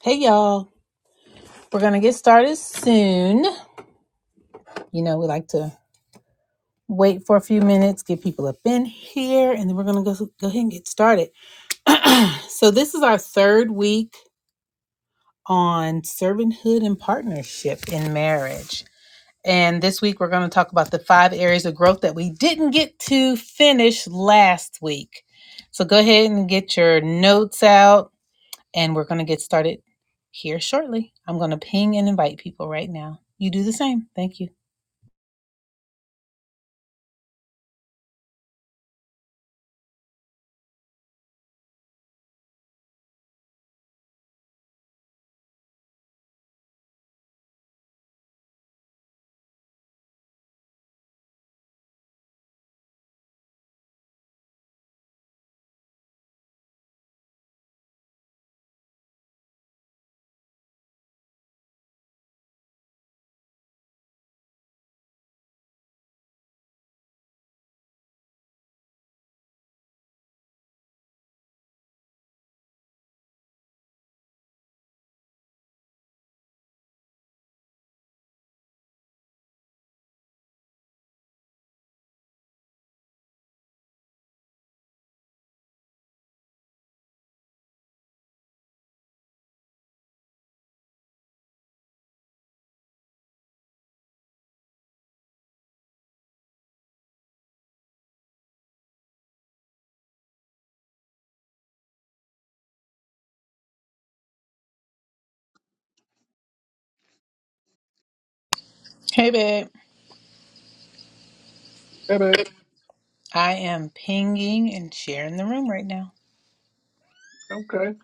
Hey y'all, we're gonna get started soon. You know, we like to wait for a few minutes, get people up in here, and then we're gonna go, go ahead and get started. So, this is our third week on servanthood and partnership in marriage. And this week, we're gonna talk about the five areas of growth that we didn't get to finish last week. So, go ahead and get your notes out, and we're gonna get started here shortly. I'm gonna ping and invite people right now. You do the same. Thank you. Hey, babe. Baby, I am pinging and sharing the room right now. okay.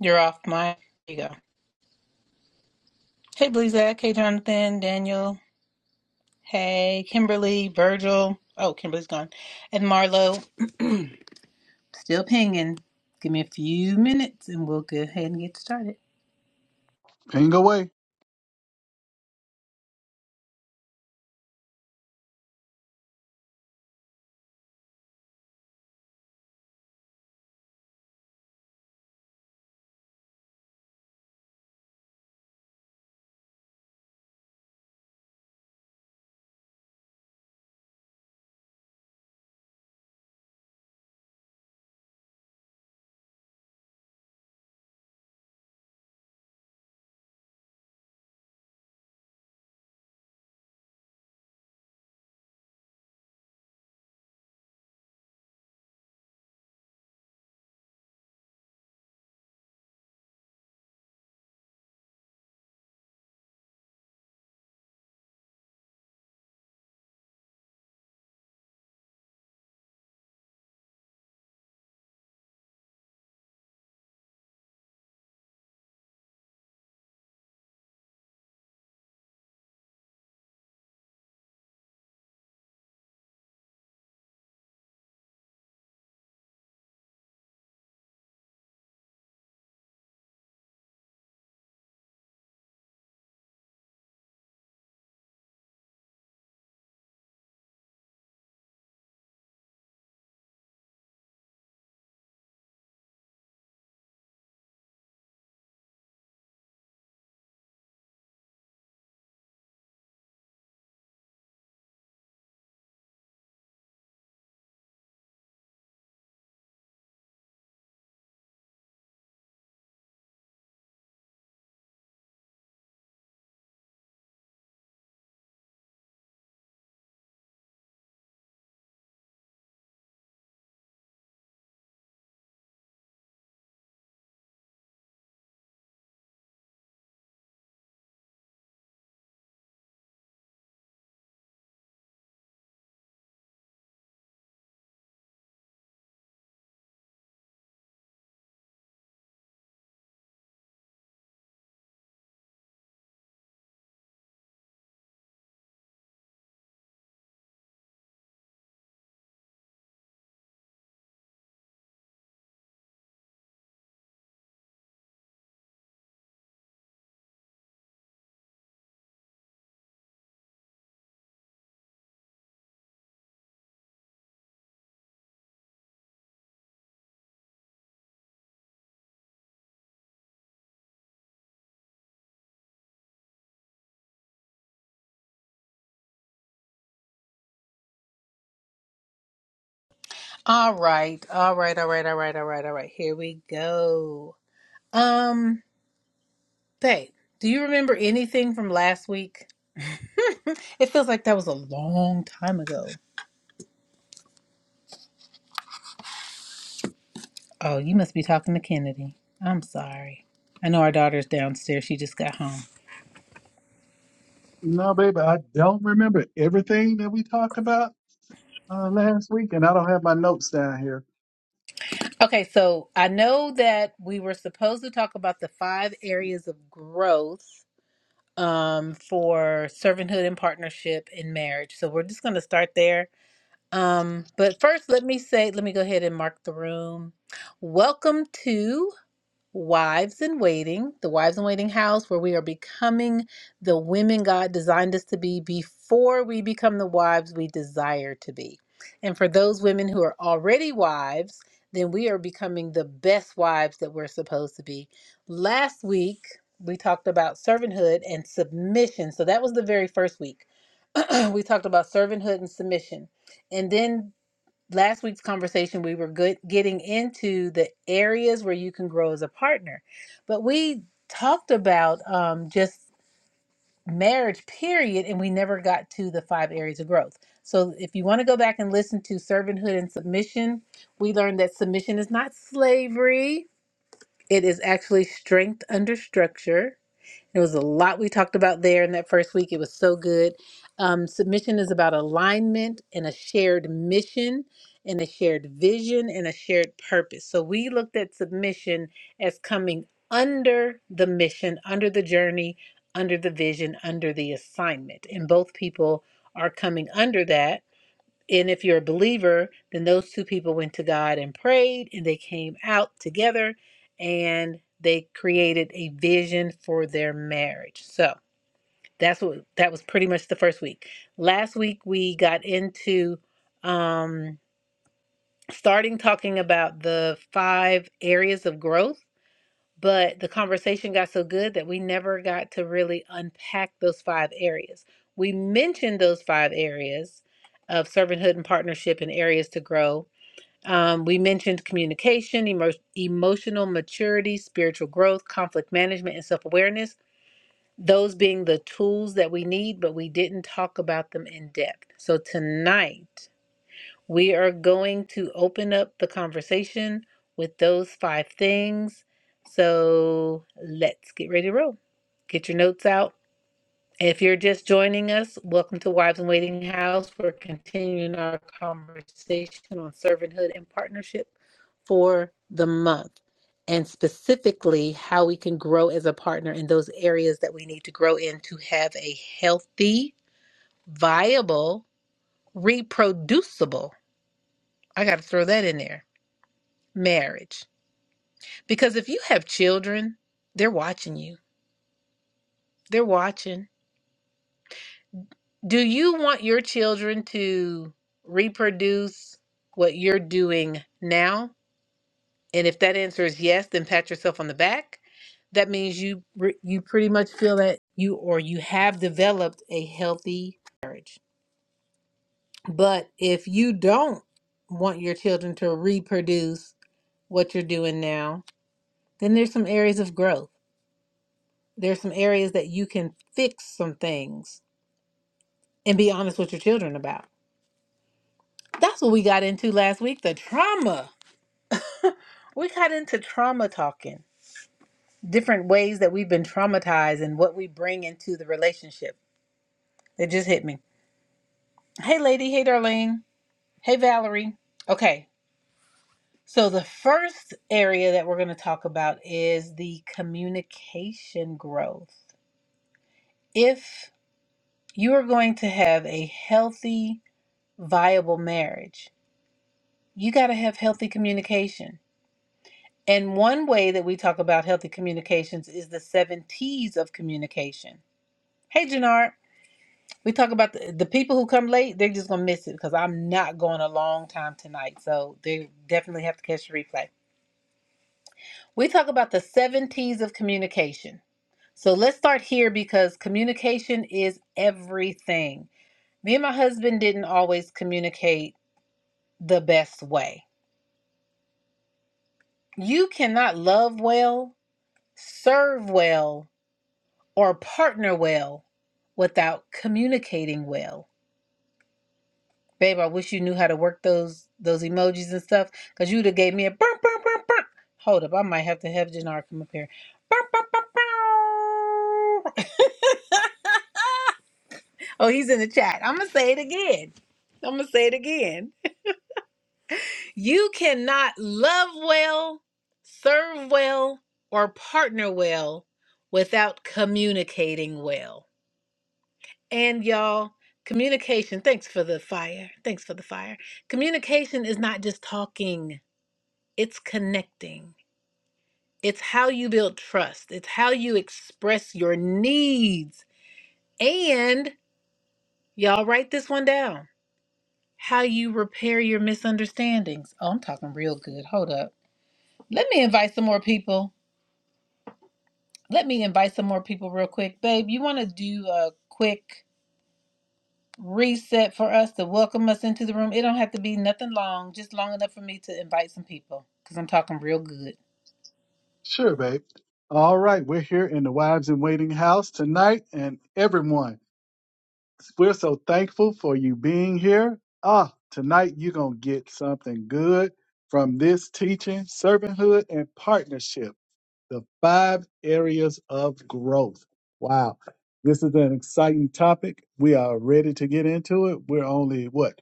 You're off my. There you go. Hey, Blizak. Hey, Jonathan. Daniel. Hey, Kimberly. Virgil. Oh, Kimberly's gone. And Marlo. Still pinging. Give me a few minutes and we'll go ahead and get started. Ain't- All right. All right. All right. All right. All right. All right. Here we go. Um, babe, do you remember anything from last week? It feels like that was a long time ago. Oh, you must be talking to Kennedy. I'm sorry. I know our daughter's downstairs. She just got home. No, baby, I don't remember everything that we talked about uh, last week, and I don't have my notes down here. Okay, so I know that we were supposed to talk about the five areas of growth um, for servanthood and partnership in marriage. So we're just going to start there. Um, but first, let me say, let me go ahead and mark the room. Welcome to. Wives in Waiting, the Wives in Waiting house, where we are becoming the women God designed us to be before we become the wives we desire to be. And for those women who are already wives, then we are becoming the best wives that we're supposed to be. Last week, we talked about servanthood and submission. So that was the very first week. we talked about servanthood and submission. And then last week's conversation we were good getting into the areas where you can grow as a partner but we talked about um, just marriage period and we never got to the five areas of growth so if you want to go back and listen to servanthood and submission we learned that submission is not slavery it is actually strength under structure there was a lot we talked about there in that first week. It was so good. Um, submission is about alignment and a shared mission and a shared vision and a shared purpose. So we looked at submission as coming under the mission, under the journey, under the vision, under the assignment. And both people are coming under that. And if you're a believer, then those two people went to God and prayed, and they came out together and they created a vision for their marriage. So that's what that was pretty much the first week. Last week we got into um starting talking about the five areas of growth but the conversation got so good that we never got to really unpack those five areas. We mentioned those five areas of servanthood and partnership and areas to grow. Um, we mentioned communication, emo- emotional maturity, spiritual growth, conflict management, and self awareness, those being the tools that we need, but we didn't talk about them in depth. So tonight, we are going to open up the conversation with those five things. So let's get ready to roll. Get your notes out. If you're just joining us, welcome to Wives in Waiting House. We're continuing our conversation on servanthood and partnership for the month, and specifically how we can grow as a partner in those areas that we need to grow in to have a healthy, viable, reproducible. I got to throw that in there marriage. Because if you have children, they're watching you. They're watching. Do you want your children to reproduce what you're doing now? And if that answer is yes, then pat yourself on the back. That means you re- you pretty much feel that you or you have developed a healthy marriage. But if you don't want your children to reproduce what you're doing now, then there's some areas of growth There's some areas that you can fix some things and be honest with your children about. That's what we got into last week the trauma. We got into trauma talking, different ways that we've been traumatized and what we bring into the relationship. It just hit me. Hey, lady. Hey, Darlene. Hey, Valerie. Okay. So, the first area that we're going to talk about is the communication growth. If you are going to have a healthy, viable marriage, you got to have healthy communication. And one way that we talk about healthy communications is the seven T's of communication. Hey, Jannard, we talk about the, the people who come late, they're just going to miss it because I'm not going a long time tonight. So they definitely have to catch the replay. We talk about the seven T's of communication. So let's start here because communication is everything. Me and my husband didn't always communicate the best way. You cannot love well, serve well, or partner well without communicating well. Babe, I wish you knew how to work those those emojis and stuff, cause you'd have gave me a burp, burp, burp, burp. Hold up, I might have to have Jannar come up here. Burp, burp, burp, burp. oh, he's in the chat. I'm gonna say it again. I'm gonna say it again. You cannot love well, serve well, or partner well without communicating well. And y'all, communication, thanks for the fire. Thanks for the fire. Communication is not just talking, it's connecting. It's how you build trust, it's how you express your needs. And y'all, write this one down how you repair your misunderstandings. Oh, I'm talking real good. Hold up. Let me invite some more people. Let me invite some more people real quick. Babe, you want to do a quick reset for us to welcome us into the room. It don't have to be nothing long, just long enough for me to invite some people because I'm talking real good. Sure, babe. All right, we're here in the Wives in Waiting house tonight, and everyone, we're so thankful for you being here. Ah, tonight you're going to get something good from this teaching, servanthood, and partnership. the five areas of growth. Wow. This is an exciting topic. We are ready to get into it. We're only, what,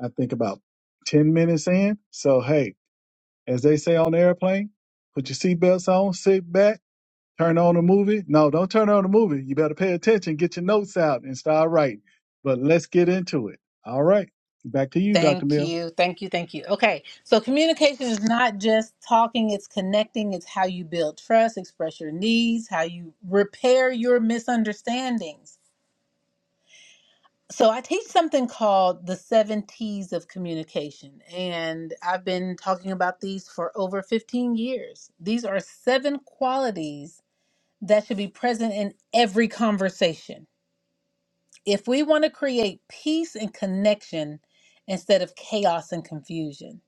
I think about 10 minutes in. So, hey, as they say on the airplane, put your seatbelts on, sit back, turn on a movie. No, don't turn on a movie. You better pay attention, get your notes out, and start writing. But let's get into it. All right. Back to you, Dr. Thank Mill. you. Thank you. Thank you. Okay. So communication is not just talking, it's connecting. It's how you build trust, express your needs, how you repair your misunderstandings. So I teach something called the seven T's of communication. And I've been talking about these for over 15 years. These are seven qualities that should be present in every conversation. If we want to create peace and connection instead of chaos and confusion.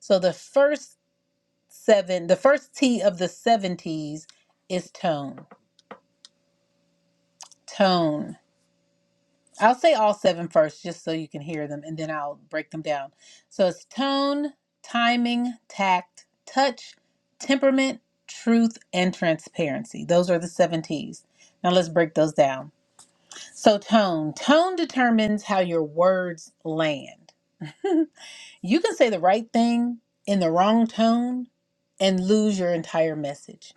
So the first seven, the first T of the seven T's is tone. Tone. I'll say all seven first just so you can hear them and then I'll break them down. So it's tone, timing, tact, touch, temperament, truth, and transparency. Those are the seven T's. Now let's break those down. So, tone. Tone determines how your words land. you can say the right thing in the wrong tone and lose your entire message.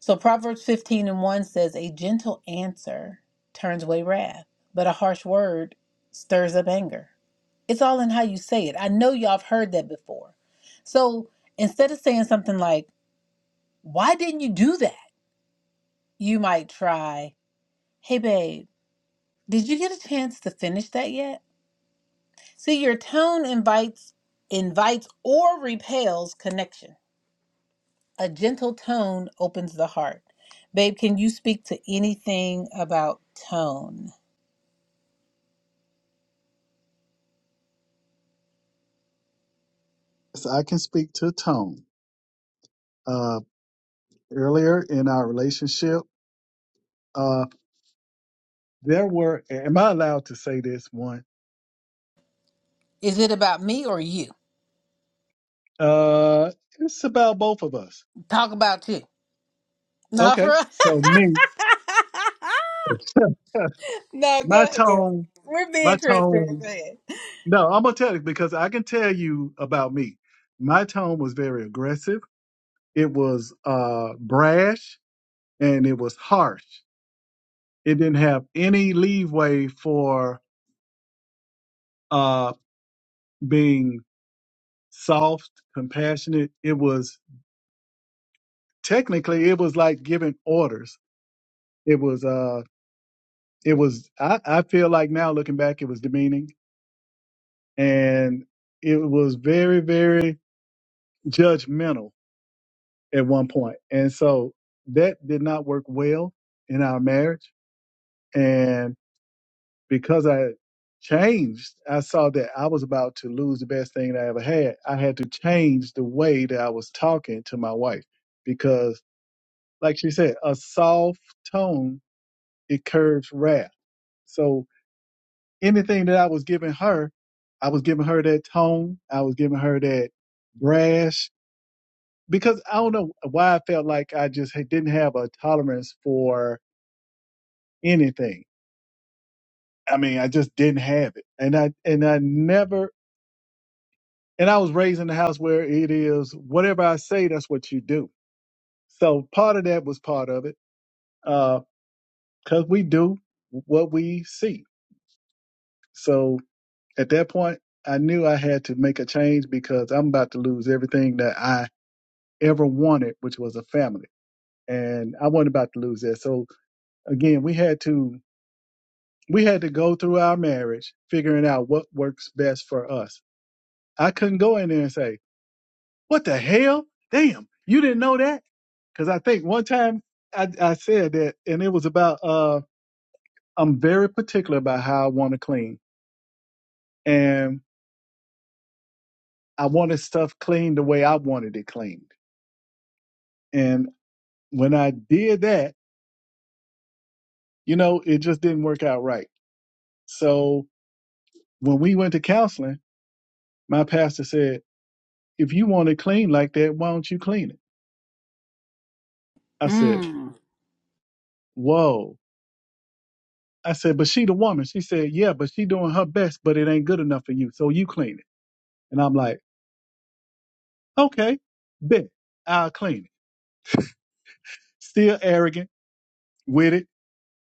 So, Proverbs 15 and 1 says, A gentle answer turns away wrath, but a harsh word stirs up anger. It's all in how you say it. I know y'all have heard that before. So, instead of saying something like, Why didn't you do that? You might try, Hey, babe, did you get a chance to finish that yet? See, your tone invites invites or repels connection. A gentle tone opens the heart. Babe, can you speak to anything about tone? So I can speak to tone. Uh, earlier in our relationship. there were am i allowed to say this one Is it about me or you? uh it's about both of us Talk about you. No, for okay real. so me No, my go ahead. tone We're being my transparent. Go tone ahead. no i'm gonna tell you because i can tell you about me my tone was very aggressive it was uh brash and it was harsh it didn't have any leeway for uh being soft compassionate it was technically it was like giving orders it was Uh, it was I, I feel like now looking back it was demeaning and it was very very judgmental at one point point. and so that did not work well in our marriage and because i changed i saw that i was about to lose the best thing that i ever had i had to change the way that i was talking to my wife because like she said a soft tone it curbs wrath so anything that I was giving her, I was giving her that tone. I was giving her that brash because I don't know why I felt like I just didn't have a tolerance for anything. I mean, I just didn't have it, and I and I never and I was raised in a house where it is whatever I say, that's what you do. So part of that was part of it because we do what we see. So at that point, I knew I had to make a change because I'm about to lose everything that I ever wanted, which was a family. And I wasn't about to lose that. So again, we had to we had to go through our marriage, figuring out what works best for us. I couldn't go in there and say, "What the hell? Damn, you didn't know that?" Because I think one time I, I said that, and it was about uh, I'm very particular about how I want to clean, and I wanted stuff cleaned the way I wanted it cleaned. And when I did that, you know, it just didn't work out right. So when we went to counseling, my pastor said, if you want it clean like that, why don't you clean it? I said, Mm. whoa. I said, but she the woman. She said, yeah, but she doing her best, but it ain't good enough for you. So you clean it. And I'm like, okay, bet I'll clean it. Still arrogant with it.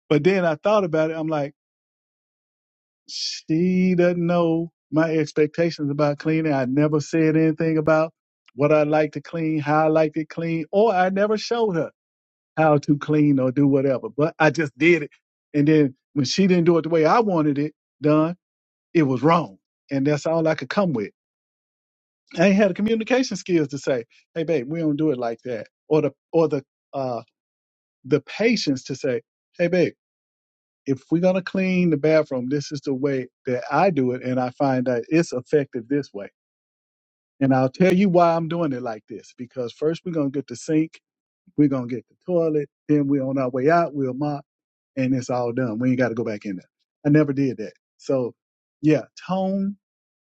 But then I thought about it. I'm like, she doesn't know my expectations about cleaning. I never said anything about what I like to clean, how I liked it clean, or I never showed her. how to clean or do whatever. But I just did it. And then when she didn't do it the way I wanted it done, it was wrong. And that's all I could come with. I ain't had the communication skills to say, hey babe, we don't do it like that. Or the or the uh the patience to say, hey babe, if we're gonna clean the bathroom, this is the way that I do it and I find that it's effective this way. And I'll tell you why I'm doing it like this, because first we're gonna get the sink We're gonna get the toilet. Then we're on our way out. We'll mop, and it's all done. We ain't got to go back in there. I never did that. So, yeah, tone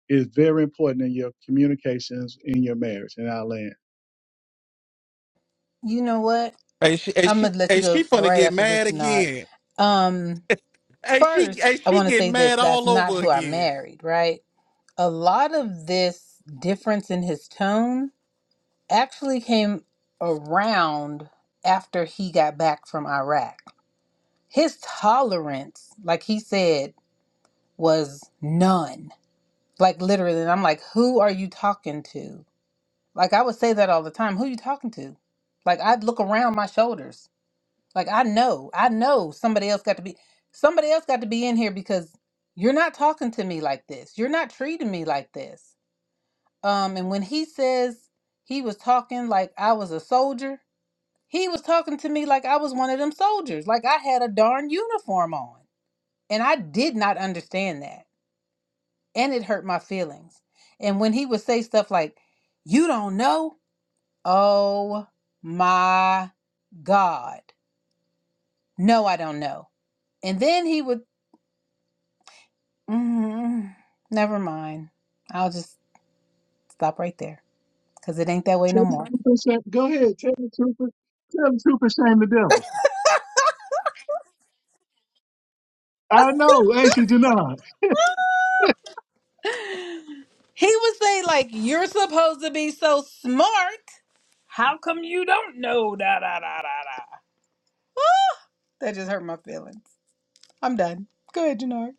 is very important in your communications in your marriage. in our land. You know what? Hey, she, hey, I'm she, gonna let you hey, go she finna right get after mad this, Janard. again. Um, Hey, she, hey, first, I she want to say getting this. mad That's all not over who I again. married, right? a lot of this difference in his tone actually came around after he got back from Iraq. His tolerance, like he said, was none. Like literally, and I'm like, who are you talking to? Like I would say that all the time. Who you talking to? Like I'd look around my shoulders. Like I know, I know somebody else got to be somebody else got to be in here because you're not talking to me like this. You're not treating me like this. Um, and when he says he was talking like I was a soldier, he was talking to me like I was one of them soldiers, like I had a darn uniform on. And I did not understand that. And it hurt my feelings. And when he would say stuff like, You don't know? Oh my God. No, I don't know. And then he would, mm, never mind. I'll just stop right there because it ain't that way Tell no the more. truth and shame- Go ahead. Tell the truth. and- Tell the truth and shame the devil. I know, ain't you, Janine? He would say, like, you're supposed to be so smart. How come you don't know? Da da da da da. That just hurt my feelings. I'm done. Go ahead, Janard.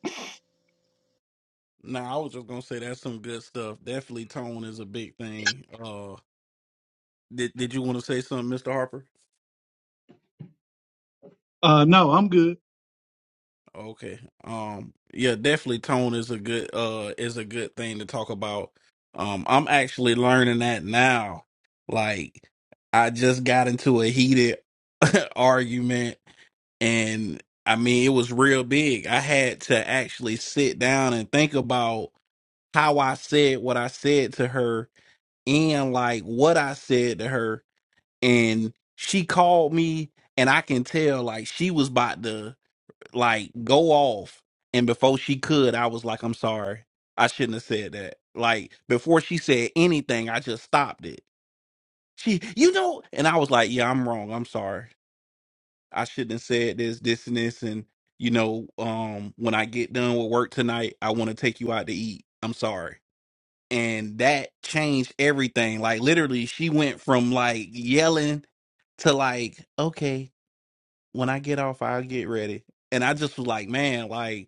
Nah, I was just gonna say that's some good stuff. Definitely tone is a big thing. Uh, did did you want to say something, Mister Harper? Uh, no, I'm good. Okay. Um, yeah, definitely tone is a good uh is a good thing to talk about. Um, I'm actually learning that now. Like, I just got into a heated argument and I mean it was real big. I had to actually sit down and think about how I said what I said to her and like what I said to her and she called me and I can tell like she was about to like go off and before she could I was like I'm sorry. I shouldn't have said that. Like before she said anything I just stopped it. She you know and I was like yeah I'm wrong. I'm sorry. I shouldn't have said this, this, and this. And, you know, um, when I get done with work tonight, I want to take you out to eat. I'm sorry. And that changed everything. Like, literally, she went from like yelling to like, okay, when I get off, I'll get ready. And I just was like, man, like,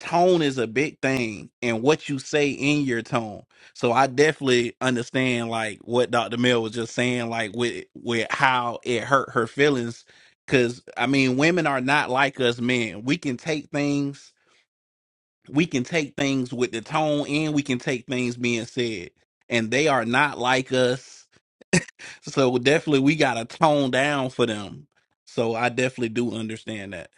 tone is a big thing and what you say in your tone. So I definitely understand like what Dr. Mill was just saying, like with with how it hurt her feelings. Cause I mean, women are not like us men. We can take things, we can take things with the tone and we can take things being said. And they are not like us. So definitely we gotta tone down for them. So I definitely do understand that.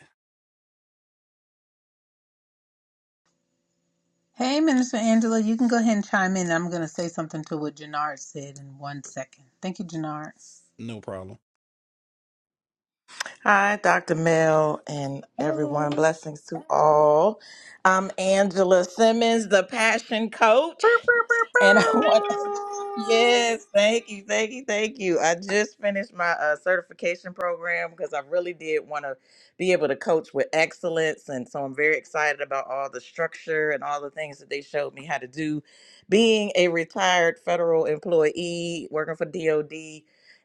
Hey, Minister Angela, you can go ahead and chime in. I'm going to say something to what Janard said in one second. Thank you, Janard. No problem. Hi, Dr. Mel, and Hey. everyone. Boop, Blessings to all. I'm Angela Simmons, the Passion Coach, boop, boop, and I want boop. Yes, thank you, thank you, thank you. I just finished my uh, certification program because I really did want to be able to coach with excellence. And so I'm very excited about all the structure and all the things that they showed me how to do. Being a retired federal employee, working for DOD,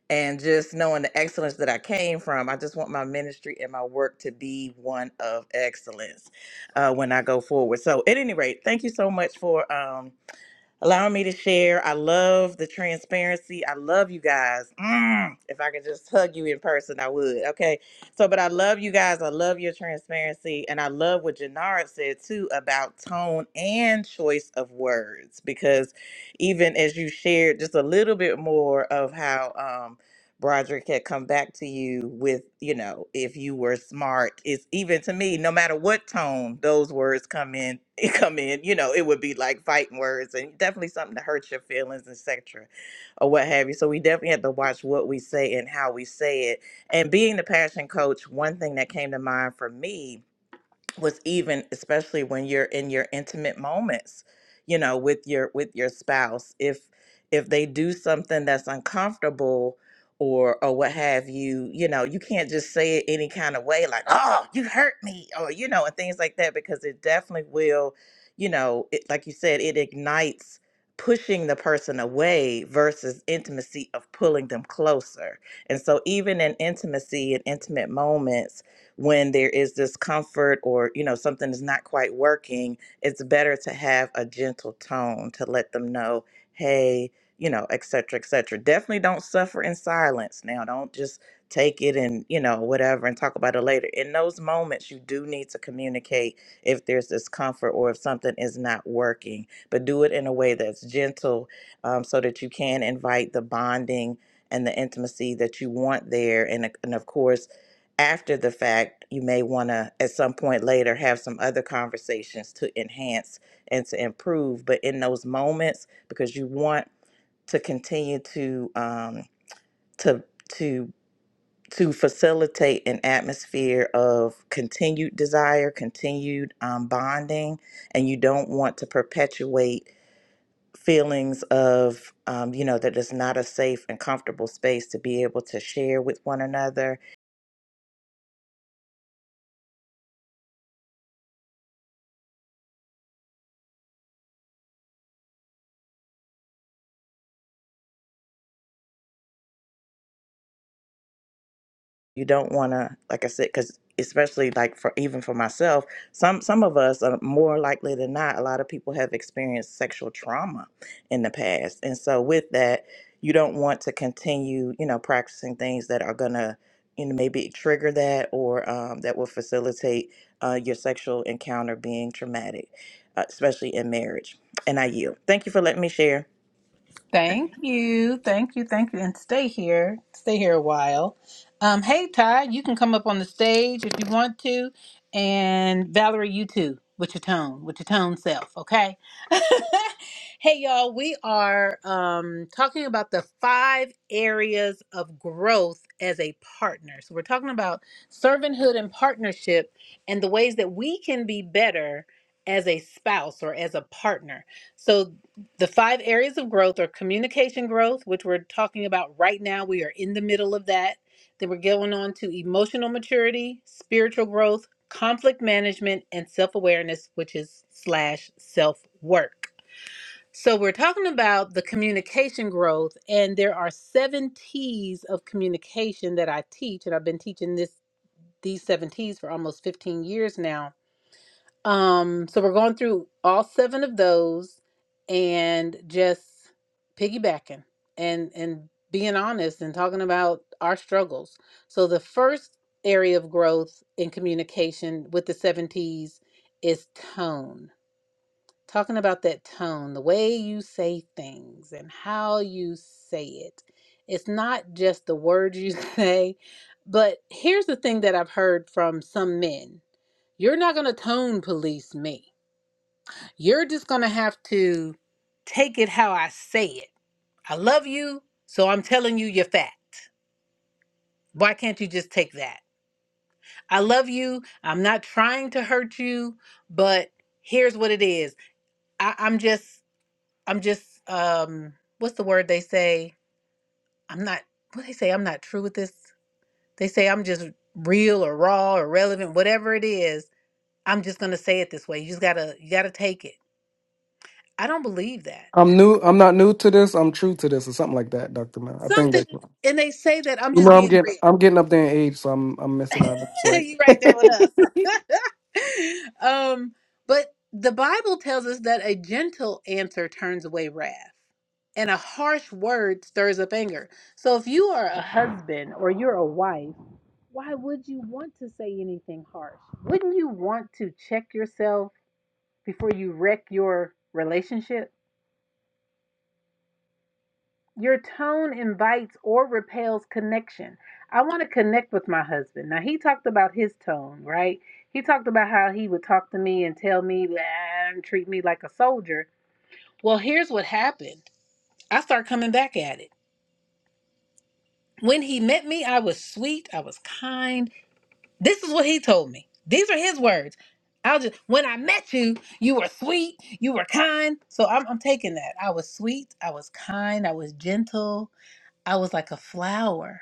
and just knowing the excellence that I came from, I just want my ministry and my work to be one of excellence uh, when I go forward. So, at any rate, thank you so much for. Um, allowing me to share. I love the transparency. I love you guys. Mm, if I could just hug you in person, I would. Okay. So, but I love you guys. I love your transparency. And I love what Janara said too about tone and choice of words, because even as you shared just a little bit more of how. um, Broderick had come back to you with, you know, if you were smart, it's even to me, no matter what tone those words come in, it come in, you know, it would be like fighting words and definitely something to hurt your feelings, etc. or what have you. So we definitely have to watch what we say and how we say it. And being the passion coach, one thing that came to mind for me was even especially when you're in your intimate moments you know with your with your spouse if if they do something that's uncomfortable or or what have you you know you can't just say it any kind of way like oh you hurt me or you know and things like that because it definitely will you know it, like you said it ignites pushing the person away versus intimacy of pulling them closer and so even in intimacy and intimate moments when there is discomfort or you know something is not quite working it's better to have a gentle tone to let them know hey you know et cetera et cetera definitely don't suffer in silence now don't just take it and you know whatever and talk about it later in those moments you do need to communicate if there's discomfort or if something is not working but do it in a way that's gentle um, so that you can invite the bonding and the intimacy that you want there and, and of course after the fact, you may want to at some point later have some other conversations to enhance and to improve. But in those moments, because you want to continue to um, to to to facilitate an atmosphere of continued desire, continued um, bonding, and you don't want to perpetuate feelings of um, you know that it's not a safe and comfortable space to be able to share with one another you don't want to like i said because especially like for even for myself some some of us are more likely than not a lot of people have experienced sexual trauma in the past and so with that you don't want to continue you know practicing things that are gonna you know maybe trigger that or um, that will facilitate uh, your sexual encounter being traumatic uh, especially in marriage and i yield thank you for letting me share Thank you. Thank you. Thank you. And stay here. Stay here a while. Um, hey, Ty, you can come up on the stage if you want to. And Valerie, you too, with your tone, with your tone self, okay? hey, y'all, we are um, talking about the five areas of growth as a partner. So we're talking about servanthood and partnership and the ways that we can be better as a spouse or as a partner. So the five areas of growth are communication growth, which we're talking about right now. We are in the middle of that. Then we're going on to emotional maturity, spiritual growth, conflict management, and self awareness, which is slash self work. So we're talking about the communication growth, and there are seven T's of communication that I teach, and I've been teaching this these seven T's for almost 15 years now. Um, so we're going through all seven of those and just piggybacking and and being honest and talking about our struggles. So the first area of growth in communication with the seven T's is tone. Talking about that tone, the way you say things and how you say it. It's not just the words you say, but here's the thing that I've heard from some men. You're not going to tone police me you're just going to have to take it how I say it. I love you, so I'm telling you you're fat. Why can't you just take that? I love you. I'm not trying to hurt you, but here's what it is. I, I'm just, I'm just, um, what's the word they say? I'm not, what they say, I'm not true with this. They say I'm just real or raw or relevant, whatever it is. I'm just gonna say it this way. You just gotta, you gotta take it. I don't believe that. I'm new. I'm not new to this. I'm true to this, or something like that, Doctor Man. I think Something, that's. You and they say that I'm know, just I'm being getting. real. I'm getting up there in age, so I'm. I'm missing out. That's you right. right there with us. um, but the Bible tells us that a gentle answer turns away wrath, and a harsh word stirs up anger. So if you are a husband or you're a wife, why would you want to say anything harsh? Wouldn't you want to check yourself before you wreck your relationship? Your tone invites or repels connection. I want to connect with my husband. Now, he talked about his tone, right? He talked about how he would talk to me and tell me "Blah," and treat me like a soldier. Well, here's what happened I start coming back at it. When he met me, I was sweet, I was kind. This is what he told me. These are his words. I'll just, when I met you, you were sweet, you were kind. So I'm, I'm taking that. I was sweet, I was kind, I was gentle, I was like a flower.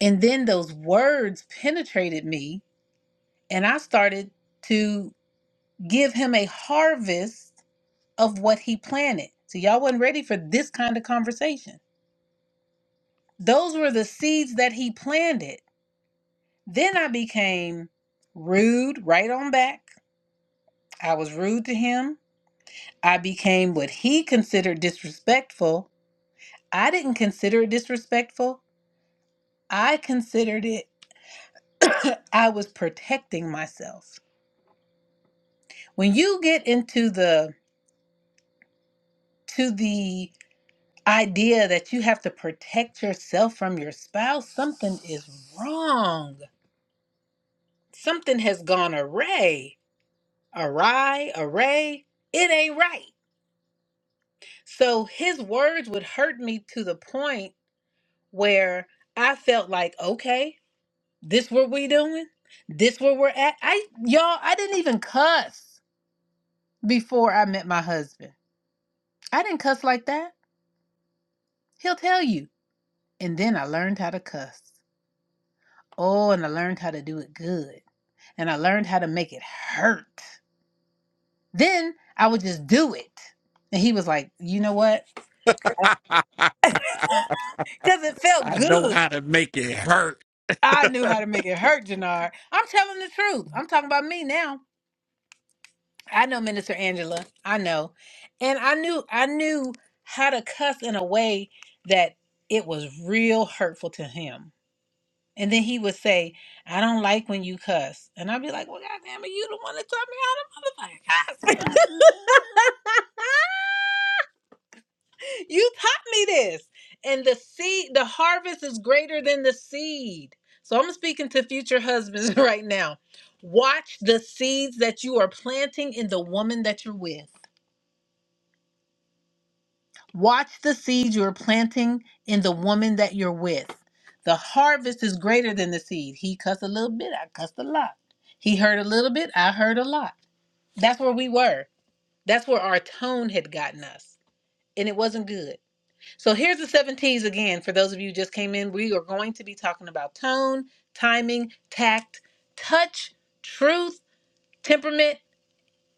And then those words penetrated me, and I started to give him a harvest of what he planted. So, y'all wasn't ready for this kind of conversation. Those were the seeds that he planted. Then I became rude right on back. I was rude to him. I became what he considered disrespectful. I didn't consider it disrespectful. I considered it, I was protecting myself. When you get into the to the idea that you have to protect yourself from your spouse, something is wrong. Something has gone array, awry, array. It ain't right. So his words would hurt me to the point where I felt like, okay, this what we doing? This where we're at? I y'all, I didn't even cuss before I met my husband. I didn't cuss like that. He'll tell you. And then I learned how to cuss. Oh, and I learned how to do it good. And I learned how to make it hurt. Then I would just do it. And he was like, you know what? Because it felt I know good. how to make it hurt. I knew how to make it hurt, Jannard. I'm telling the truth. I'm talking about me now. I know Minister Angela. I know. And I knew I knew how to cuss in a way that it was real hurtful to him And then he would say, I don't like when you cuss. And I'd be like, Well, goddamn it, you the one that taught me how to motherfucking cuss. you taught me this. And the seed, the harvest is greater than the seed. So I'm speaking to future husbands right now. Watch the seeds that you are planting in the woman that you're with. Watch the seeds you're planting in the woman that you're with. The harvest is greater than the seed. He cussed a little bit, I cussed a lot. He heard a little bit, I heard a lot. That's where we were. That's where our tone had gotten us. And it wasn't good. So here's the seven T's again. For those of you who just came in, we are going to be talking about tone, timing, tact, touch, truth, temperament,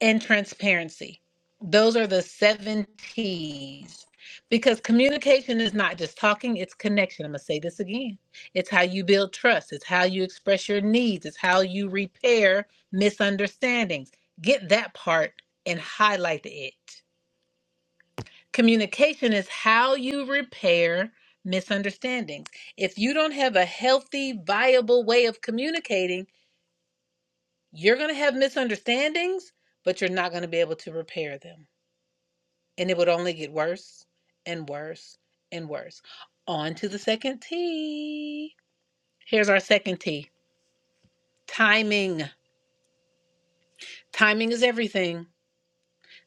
and transparency. Those are the seven T's. Because communication is not just talking, it's connection. I'm going to say this again. It's how you build trust, it's how you express your needs, it's how you repair misunderstandings. Get that part and highlight it. Communication is how you repair misunderstandings. If you don't have a healthy, viable way of communicating, you're going to have misunderstandings, but you're not going to be able to repair them. and it would only get worse and worse and worse. On to the second T. Here's our second T timing. Timing is everything.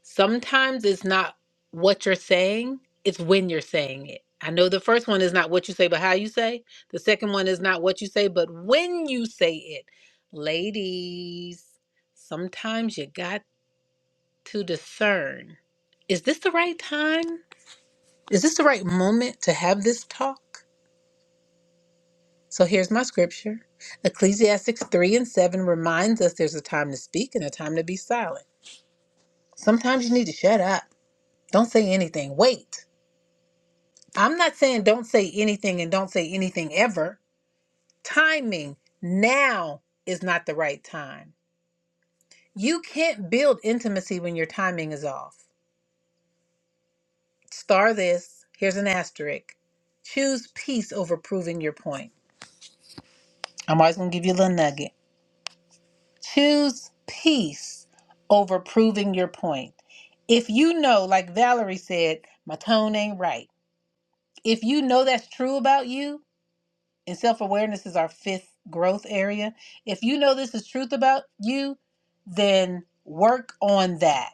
Sometimes it's not what you're saying, it's when you're saying it. I know the first one is not what you say, but how you say. The second one is not what you say, but when you say it. Ladies, sometimes you got to discern is this the right time? Is this the right moment to have this talk? So here's my scripture Ecclesiastics 3 and 7 reminds us there's a time to speak and a time to be silent. Sometimes you need to shut up. Don't say anything. Wait. I'm not saying don't say anything and don't say anything ever. Timing now is not the right time. You can't build intimacy when your timing is off. Star this. Here's an asterisk. Choose peace over proving your point. I'm always going to give you a little nugget. Choose peace over proving your point. If you know, like Valerie said, my tone ain't right. If you know that's true about you, and self awareness is our fifth growth area, if you know this is truth about you, then work on that.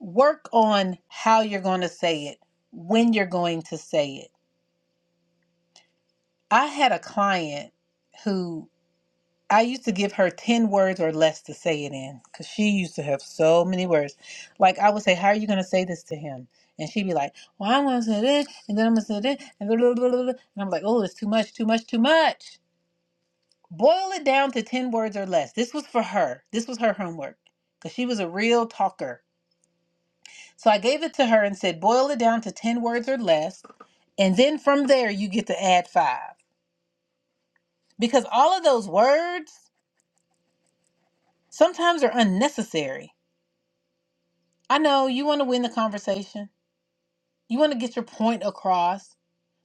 Work on how you're going to say it, when you're going to say it. I had a client who I used to give her 10 words or less to say it in because she used to have so many words. Like, I would say, How are you going to say this to him? And she'd be like, Well, I'm going to say this, and then I'm going to say this, and blah, blah, blah, blah, blah. And I'm like, Oh, it's too much, too much, too much. Boil it down to 10 words or less. This was for her. This was her homework because she was a real talker. So I gave it to her and said, Boil it down to 10 words or less. And then from there, you get to add five because all of those words sometimes are unnecessary I know you want to win the conversation. You want to get your point across,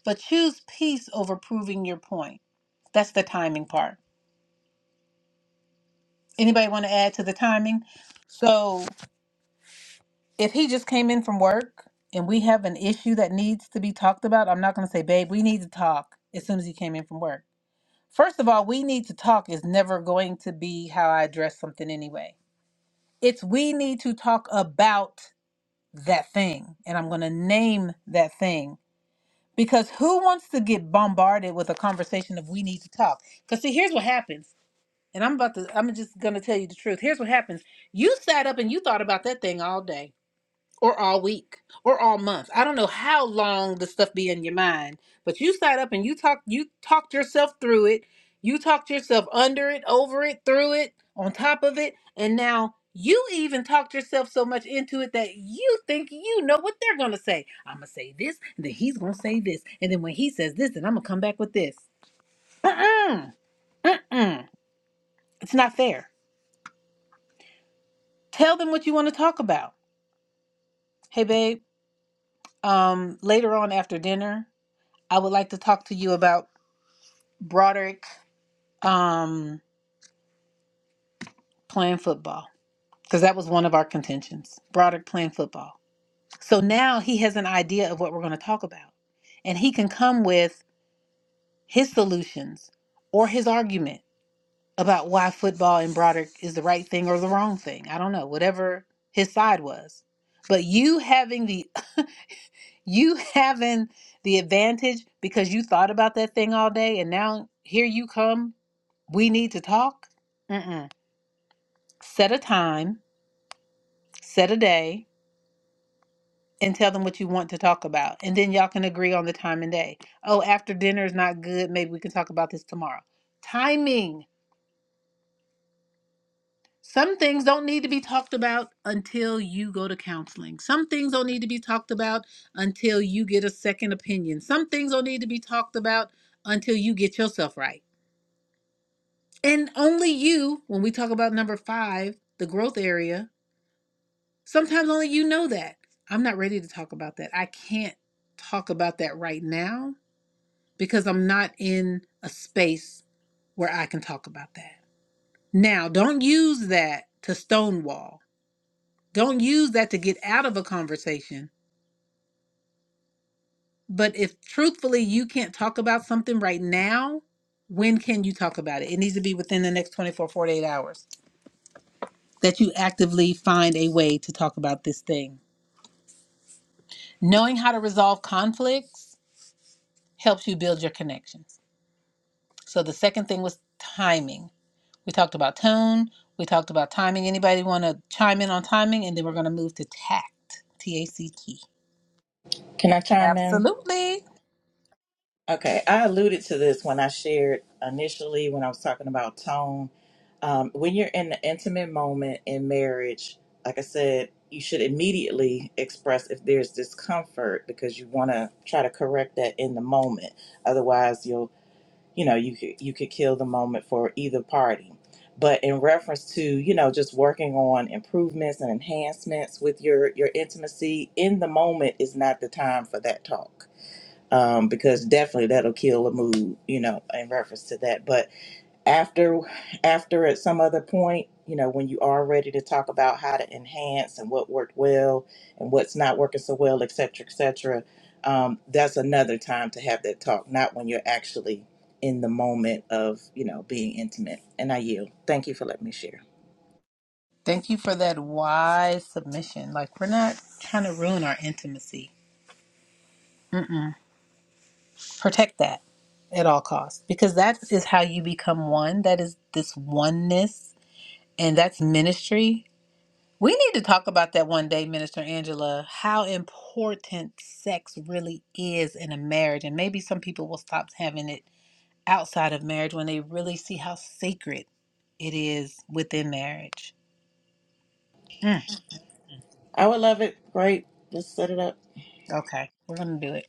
but choose peace over proving your point. That's the timing part. Anybody want to add to the timing? So, if he just came in from work and we have an issue that needs to be talked about, I'm not going to say, babe, we need to talk as soon as he came in from work. First of all, we need to talk is never going to be how I address something anyway. It's we need to talk about that thing. And I'm going to name that thing Because who wants to get bombarded with a conversation of we need to talk? Because see, here's what happens. And I'm about to I'm just gonna tell you the truth. Here's what happens. You sat up and you thought about that thing all day or all week or all month. I don't know how long the stuff be in your mind, but you sat up and you talked you talked yourself through it. You talked yourself under it, over it, through it, on top of it, and now you even talked yourself so much into it that you think you know what they're gonna say. I'm gonna say this, and then he's gonna say this, and then when he says this, then I'm gonna come back with this. Mm-mm, mm-mm. It's not fair. Tell them what you want to talk about. Hey, babe. Um, later on after dinner, I would like to talk to you about Broderick um, playing football because that was one of our contentions. Broderick playing football. So now he has an idea of what we're going to talk about, and he can come with his solutions or his argument about why football and Broderick is the right thing or the wrong thing. I don't know, whatever his side was. But you having the you having the advantage because you thought about that thing all day and now here you come We need to talk. Mm-mm. Set a time, set a day, and tell them what you want to talk about. And then y'all can agree on the time and day. Oh, after dinner is not good. Maybe we can talk about this tomorrow. Timing. Some things don't need to be talked about until you go to counseling. Some things don't need to be talked about until you get a second opinion. Some things don't need to be talked about until you get yourself right. And only you, when we talk about number five, the growth area, Sometimes only you know that. I'm not ready to talk about that. I can't talk about that right now because I'm not in a space where I can talk about that. Now, don't use that to stonewall. Don't use that to get out of a conversation. But if truthfully you can't talk about something right now, when can you talk about it? It needs to be within the next 24, 48 hours that you actively find a way to talk about this thing. Knowing how to resolve conflicts helps you build your connections So the second thing was timing. We talked about tone. We talked about timing. Anybody want to chime in on timing? And then we're going to move to tact, T A C T. can i chime in Absolutely. Okay, I alluded to this when I shared initially when I was talking about tone. Um, when you're in the intimate moment in marriage, like I said, you should immediately express if there's discomfort because you want to try to correct that in the moment. Otherwise, you'll you know you could you could kill the moment for either party. But in reference to you know just working on improvements and enhancements with your your intimacy in the moment is not the time for that talk um, because definitely that'll kill a mood, you know, in reference to that. But after, after at some other point, you know, when you are ready to talk about how to enhance and what worked well and what's not working so well, et cetera, et cetera, um, that's another time to have that talk, not when you're actually in the moment of, you know, being intimate. And I yield. Thank you for letting me share. Thank you for that wise submission. Like, we're not trying to ruin our intimacy. Mm-mm. Protect that at all costs because that is how you become one. That is this oneness, and that's ministry We need to talk about that one day, Minister Angela, how important sex really is in a marriage. And maybe some people will stop having it outside of marriage when they really see how sacred it is within marriage. Mm, I would love it. Great. Let's set it up. okay, we're going to do it.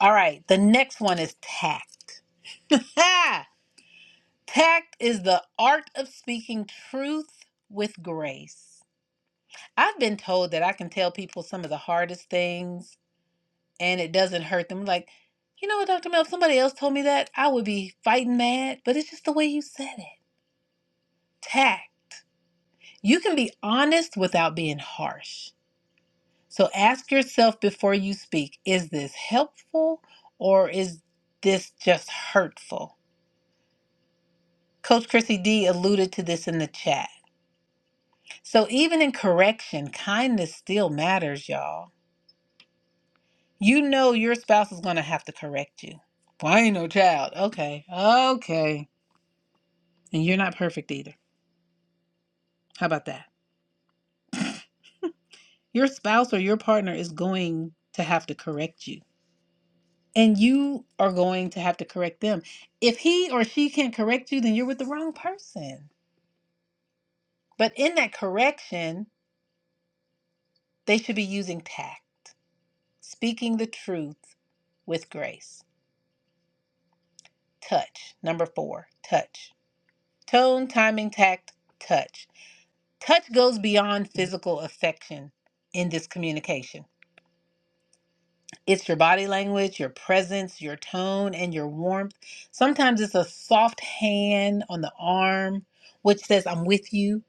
All right, the next one is tact. tact is the art of speaking truth with grace. I've been told that I can tell people some of the hardest things and it doesn't hurt them. Like, you know what, Dr. Mel, if somebody else told me that, I would be fighting mad, but it's just the way you said it. Tact. You can be honest without being harsh. So ask yourself before you speak is this helpful or is this just hurtful? Coach Chrissy D alluded to this in the chat. So even in correction, kindness still matters, y'all. You know your spouse is going to have to correct you. Well, I ain't no child. Okay. Okay. And you're not perfect either. How about that? Your spouse or your partner is going to have to correct you. And you are going to have to correct them. If he or she can't correct you, then you're with the wrong person. But in that correction, they should be using tact, speaking the truth with grace. Touch. Number four, touch. Tone, timing, tact, touch. Touch goes beyond physical affection in this communication. It's your body language, your presence, your tone, and your warmth. Sometimes it's a soft hand on the arm, which says, I'm with you.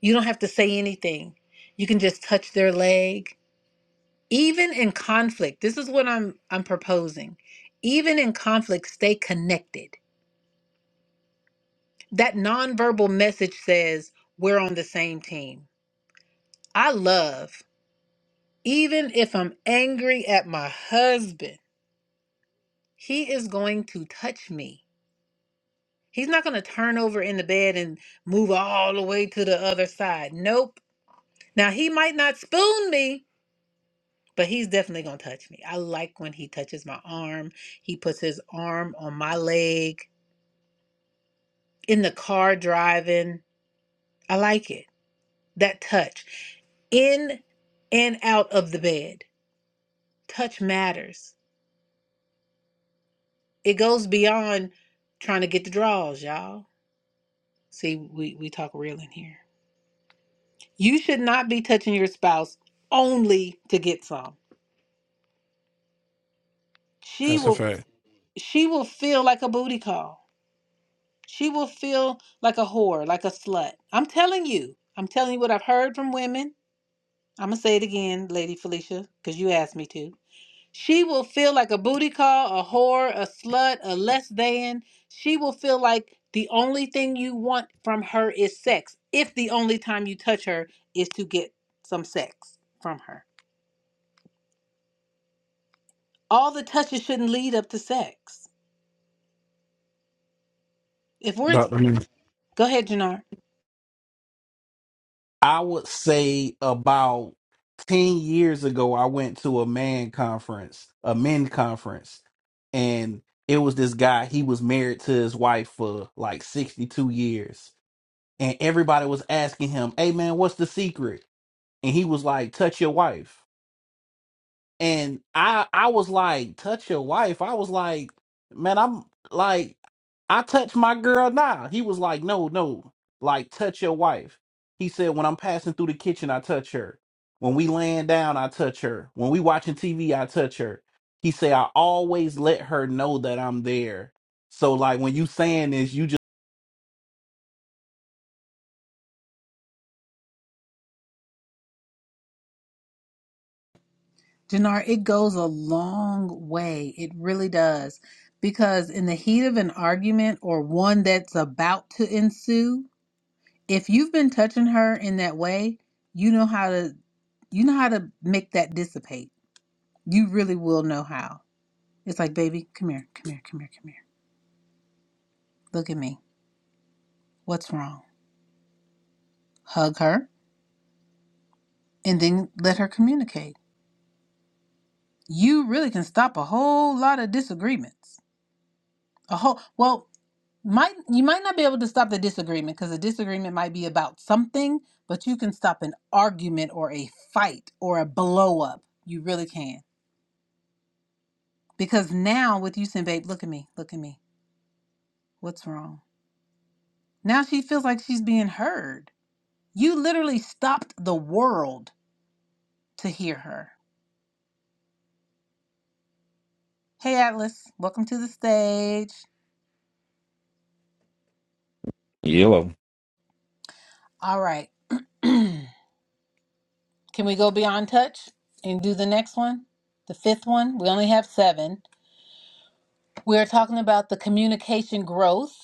You don't have to say anything. You can just touch their leg. Even in conflict, this is what I'm I'm proposing. Even in conflict, stay connected. That nonverbal message says, we're on the same team. I love, even if I'm angry at my husband, he is going to touch me He's not going to turn over in the bed and move all the way to the other side. Nope. Now, he might not spoon me, but he's definitely going to touch me. I like when he touches my arm. He puts his arm on my leg in the car driving. I like it. That touch in and out of the bed. Touch matters. It goes beyond trying to get the draws, y'all. See, we, we talk real in here. You should not be touching your spouse only to get some. She That's a will fact. she will feel like a booty call. She will feel like a whore, like a slut. I'm telling you. I'm telling you what I've heard from women. I'm gonna say it again, Lady Felicia, because you asked me to. She will feel like a booty call, a whore, a slut, a less than. She will feel like the only thing you want from her is sex. If the only time you touch her is to get some sex from her. All the touches shouldn't lead up to sex. If we're Dr. Nick. go ahead, Jannar. I would say about 10 years ago, I went to a man conference, a men conference, and it was this guy. He was married to his wife for like 62 years. And everybody was asking him, Hey, man, what's the secret? And he was like, Touch your wife. and I I was like, touch your wife. I was like, man, I'm like, I touch my girl now. He was like, no, no, like touch your wife. He said, when I'm passing through the kitchen, I touch her. When we laying down, I touch her. When we watching TV, I touch her. He said, I always let her know that I'm there. So like when you saying this, you just Dinar, it goes a long way. It really does. Because in the heat of an argument or one that's about to ensue, if you've been touching her in that way, you know how to you know how to make that dissipate. You really will know how. It's like, baby, come here, come here, come here, come here. Look at me. What's wrong? Hug her and then let her communicate. You really can stop a whole lot of disagreements. A whole well, might you might not be able to stop the disagreement because the disagreement might be about something, but you can stop an argument or a fight or a blow up. You really can. Because now with you saying, babe, look at me, look at me. What's wrong? Now she feels like she's being heard. You literally stopped the world to hear her. Hey Atlas, welcome to the stage. Yellow. All right. can we go beyond touch and do the next one? The fifth one? We only have seven. We're talking about the communication growth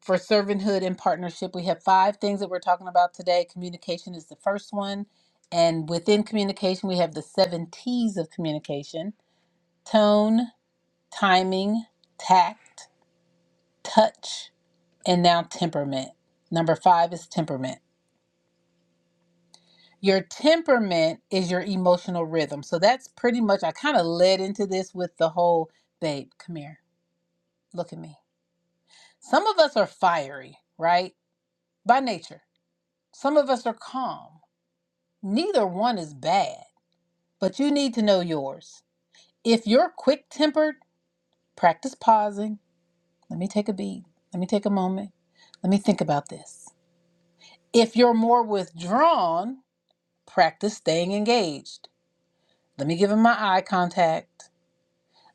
for servanthood and partnership. We have five things that we're talking about today. Communication is the first one. And within communication, we have the seven T's of communication tone, timing, tact, touch, and now temperament. Number five is temperament. Your temperament is your emotional rhythm. So that's pretty much, I kind of led into this with the whole babe, come here, look at me. Some of us are fiery, right? By nature. Some of us are calm. Neither one is bad, but you need to know yours. If you're quick tempered, practice pausing. Let me take a beat. Let me take a moment. Let me think about this. If you're more withdrawn, practice staying engaged. Let me give him my eye contact.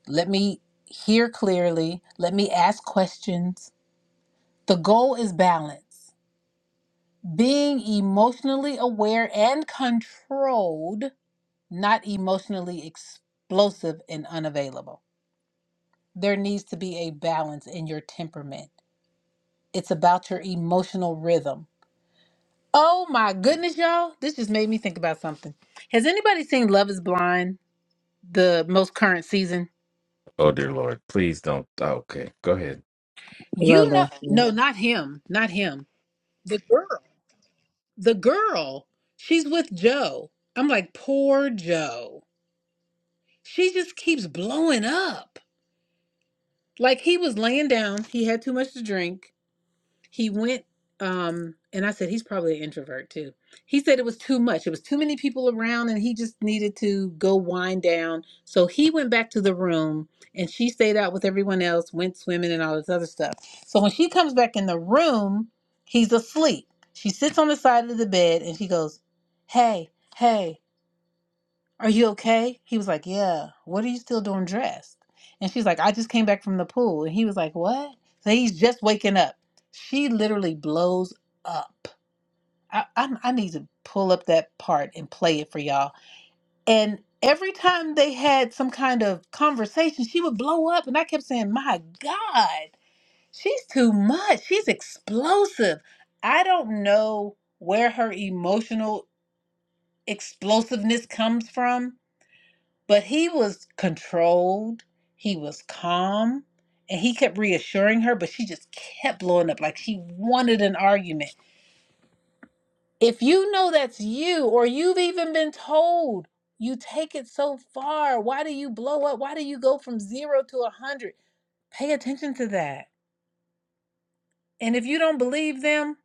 Let me hear clearly. Let me ask questions. The goal is balance. Being emotionally aware and controlled not emotionally explosive and unavailable. There needs to be a balance in your temperament. It's about your emotional rhythm. Oh my goodness, y'all. This just made me think about something. Has anybody seen Love is Blind, the most current season? Oh dear Lord, please don't. oh, okay, go ahead. You Love You know, that shit. no, not him, not him. The girl, the girl, she's with Joe. I'm like, poor Joe. She just keeps blowing up. Like he was laying down, he had too much to drink He went, um, and I said, he's probably an introvert too. He said it was too much. It was too many people around, and he just needed to go wind down. So he went back to the room, and she stayed out with everyone else, went swimming, and all this other stuff. So when she comes back in the room, he's asleep. She sits on the side of the bed, and she goes, Hey, hey, are you okay? He was like, Yeah. What are you still doing dressed? And she's like, I just came back from the pool. And he was like, What? So he's just waking up. She literally blows up. I, I, I need to pull up that part and play it for y'all. And every time they had some kind of conversation, she would blow up. And I kept saying, My God, she's too much. She's explosive. I don't know where her emotional explosiveness comes from but he was controlled, he was calm, and he kept reassuring her, but she just kept blowing up like she wanted an argument. If you know that's you, or you've even been told, you take it so far. Why do you blow up? Why do you go from zero to a hundred? Pay attention to that. And if you don't believe them,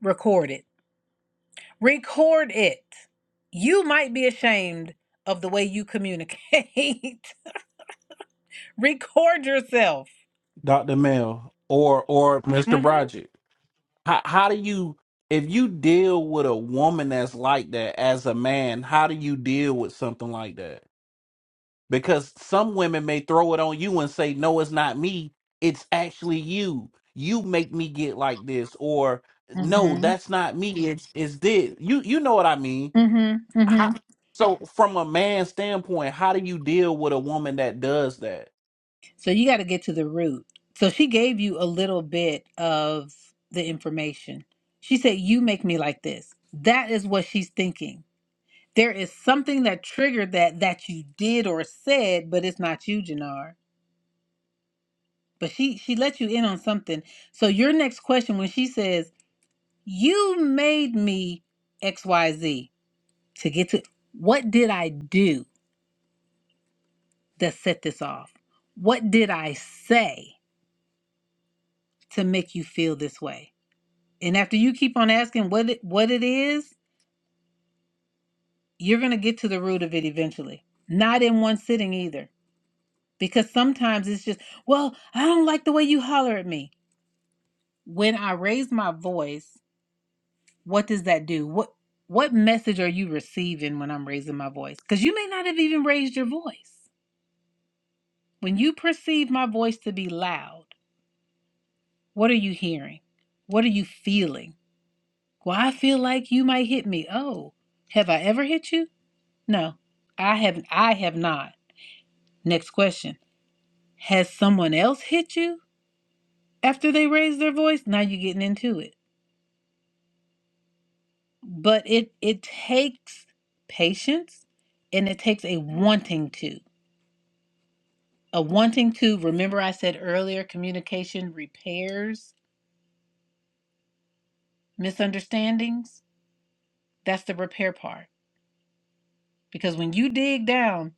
record it. Record it. You might be ashamed of the way you communicate. record yourself. Dr. Mel or or Mr. Mm Broderick. how how do you if you deal with a woman that's like that as a man how do you deal with something like that because some women may throw it on you and say no it's not me it's actually you you make me get like this or hmm no that's not me it's it's this you you know what i mean Mm-hmm. Mm-hmm. how, so from a man's standpoint how do you deal with a woman that does that So you got to get to the root. So she gave you a little bit of the information. She said, You make me like this. That is what she's thinking. There is something that triggered that that you did or said, but it's not you, Jannar. But she she let you in on something. So your next question when she says, You made me XYZ to get to what did I do that set this off? What did I say to make you feel this way? And after you keep on asking what it, what it is, you're going to get to the root of it eventually. Not in one sitting either. Because sometimes it's just, well, I don't like the way you holler at me. When I raise my voice, what does that do? What what message are you receiving when I'm raising my voice? Cuz you may not have even raised your voice. When you perceive my voice to be loud, what are you hearing? What are you feeling? Well, I feel like you might hit me. Oh, have I ever hit you? No, I have I have not. Next question. Has someone else hit you after they raised their voice? Now you're getting into it. But it it takes patience and it takes a wanting to. A wanting to, remember I said earlier, communication repairs misunderstandings. That's the repair part. Because when you dig down,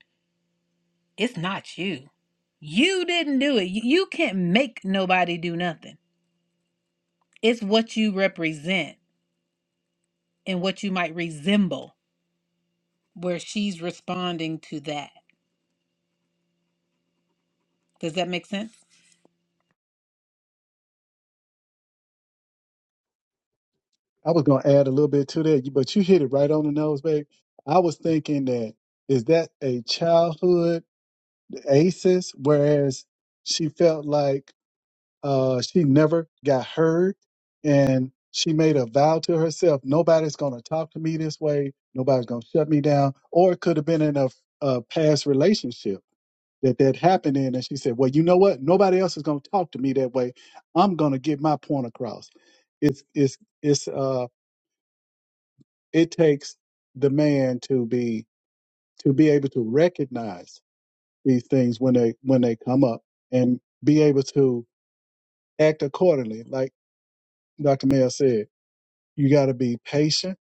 it's not you. You didn't do it. You, you can't make nobody do nothing. It's what you represent and what you might resemble, where she's responding to that. Does that make sense? I was gonna add a little bit to that, but you hit it right on the nose, babe. I was thinking that is that a childhood aces, whereas she felt like Uh, she never got heard, and she made a vow to herself: nobody's going to talk to me this way. Nobody's going to shut me down. Or it could have been in a, a past relationship that that happened in, and she said, "Well, you know what? Nobody else is going to talk to me that way. I'm going to get my point across." It's it's it's uh it takes the man to be to be able to recognize these things when they when they come up and be able to act accordingly, like Dr. Mel said You got to be patient,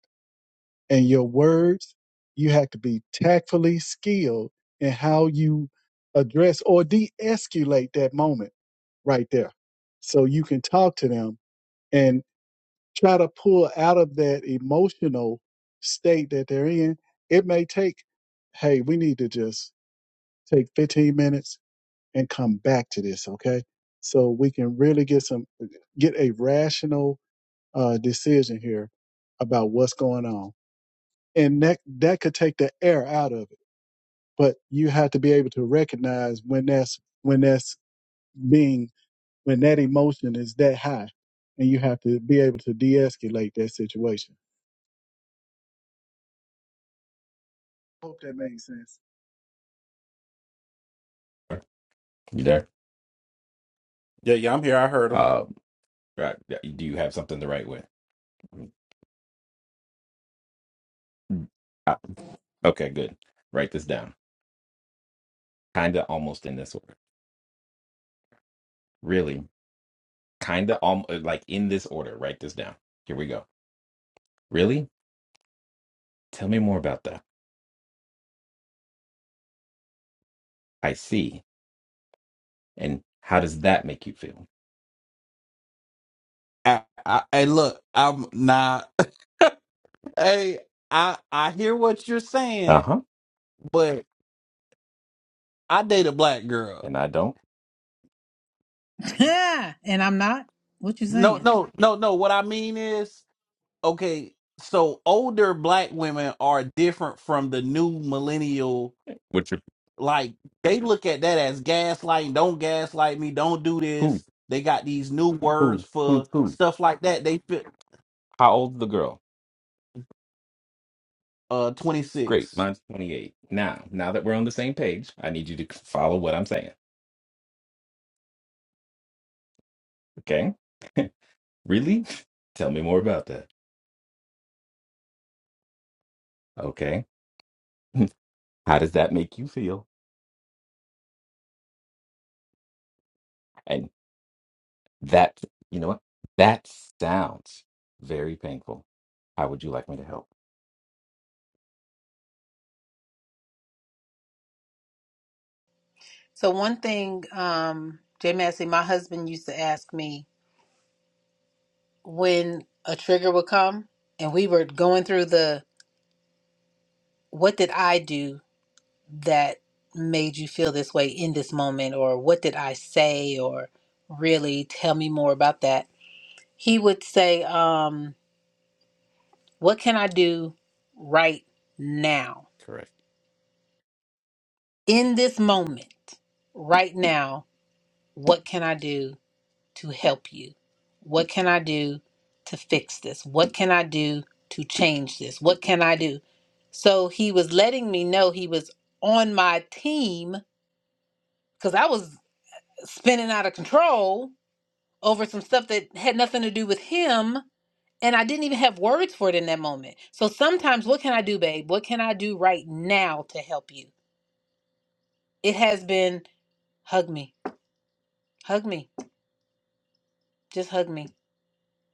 and your words, you have to be tactfully skilled in how you address or de escalate that moment right there. So you can talk to them and try to pull out of that emotional state that they're in. It may take, hey, we need to just take 15 minutes and come back to this, okay? So we can really get some, get a rational uh, decision here about what's going on and that that could take the air out of it. But you have to be able to recognize when that's when that's being when that emotion is that high, and you have to be able to de-escalate that situation. Hope that makes sense. You there? Yeah, yeah, I'm here. I heard him. Uh, right, yeah, do you have something to write with? Ah, Okay, good. Write this down. Kinda almost in this order. Really? Kinda almost like in this order. Write this down. Here we go. Really? Tell me more about that. I see. And how does that make you feel? I, I, hey, look, I'm not. Hey, I I hear what you're saying, Uh-huh. but I date a black girl. And I don't. and I'm not. What you No, saying? no, no, no. What I mean is, okay, so older black women are different from the new millennial. What's your Like they look at that as gaslighting. Don't gaslight me. Don't do who? this. They got these new words Who? Who's for who? stuff like that. They fit How old's the girl? uh Great. 26. Mine's 28. Now, now that we're on the same page, I need you to follow what I'm saying. Okay? Really? Tell me more about that. Okay. How does that make you feel? And that, you know what? That sounds very painful. How would you like me to help? So one thing, um, Jay Massey, my husband used to ask me when a trigger would come, and we were going through the what did I do that made you feel this way in this moment, or what did I say, or really tell me more about that. He would say, um, "What can I do right now?" Correct. in this moment, right now, what can I do to help you? What can I do to fix this? What can I do to change this? What can I do? So he was letting me know he was on my team because I was spinning out of control over some stuff that had nothing to do with him. And I didn't even have words for it in that moment. So sometimes, what can I do, babe? What can I do right now to help you? It has been hug me, hug me, Just hug me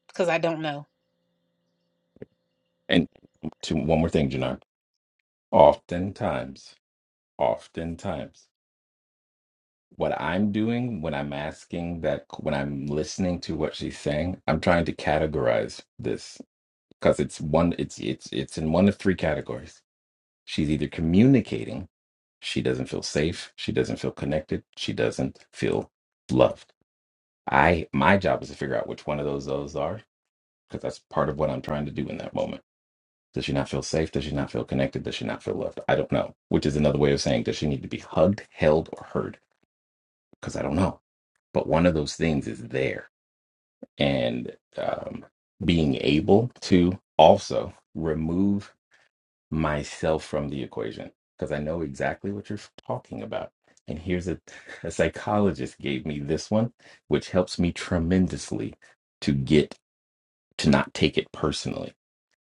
because I don't know. And to one more thing, Janar. Oftentimes, oftentimes, what I'm doing when I'm asking that, when I'm listening to what she's saying, I'm trying to categorize this because it's one, it's it's it's in one of three categories She's either communicating she doesn't feel safe, she doesn't feel connected, she doesn't feel loved. I my job is to figure out which one of those those are because that's part of what I'm trying to do in that moment. Does she not feel safe? Does she not feel connected? Does she not feel loved? I don't know. Which is another way of saying does she need to be hugged, held, or heard? Because I don't know. But one of those things is there, and um, being able to also remove myself from the equation because I know exactly what you're talking about. And here's a, a psychologist gave me this one, which helps me tremendously to get to not take it personally,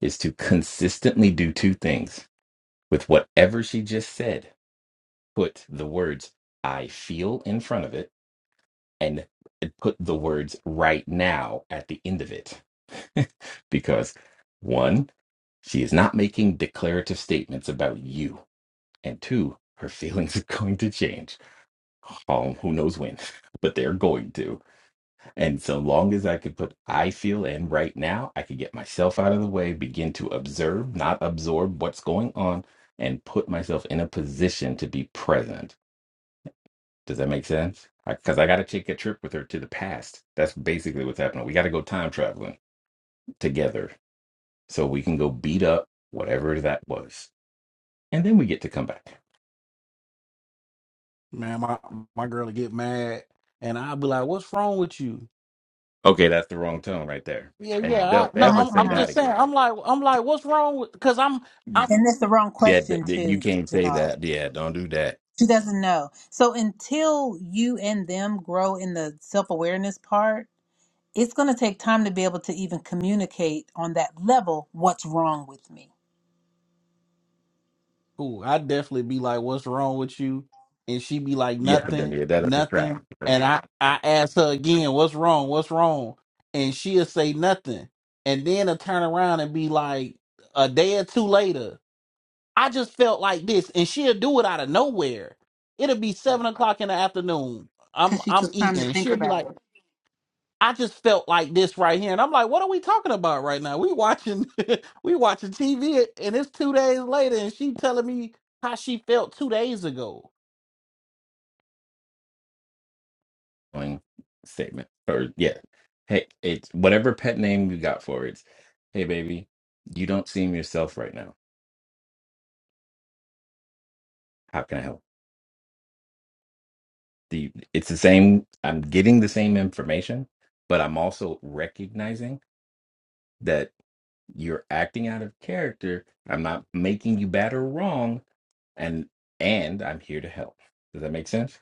is to consistently do two things with whatever she just said. Put the words I feel in front of it and put the words right now at the end of it. because one, she is not making declarative statements about you and two, her feelings are going to change. Um, who knows when, but they're going to. And so long as I can put I feel in right now, I can get myself out of the way, begin to observe, not absorb what's going on, and put myself in a position to be present. Does that make sense? Because I, got to take a trip with her to the past. That's basically what's happening. We got to go time traveling together so we can go beat up whatever that was. And then we get to come back. Man, my my girl will get mad, and I'll be like, "What's wrong with you?" Okay, that's the wrong tone right there. Yeah, yeah. And I, don't no, ever I'm, say I'm Mm-mm. that just saying. again. I'm like, I'm like, what's wrong with? Because I'm, You I'm. And that's the wrong yeah, but question then you too, can't say Denard. that. Yeah, don't do that. She doesn't know. So until you and them grow in the self-awareness part, it's going to take time to be able to even communicate on that level what's wrong with me. Ooh, I definitely be like, what's wrong with you? And she be like, Yeah, but then nothing, yeah, that's a trap. nothing. That's And I, I ask her again, what's wrong? What's wrong? And she'll say nothing. And then I turn around and be like, a day or two later, I just felt like this, and she'll do it out of nowhere. It'll be a seven o'clock in the afternoon. I'm, Because she I'm took time to eating. think She'll be about like. it. I just felt like this right here, and I'm like, what are we talking about right now? We watching, we watching TV, and it's two days later, and she telling me how she felt two days ago. annoying statement. Or yeah. Hey, it's whatever pet name you got for it. Hey baby, you don't seem yourself right now. How can I help? The it's the same I'm getting the same information, but I'm also recognizing that. You're acting out of character. I'm not making you bad or wrong, and and I'm here to help. Does that make sense?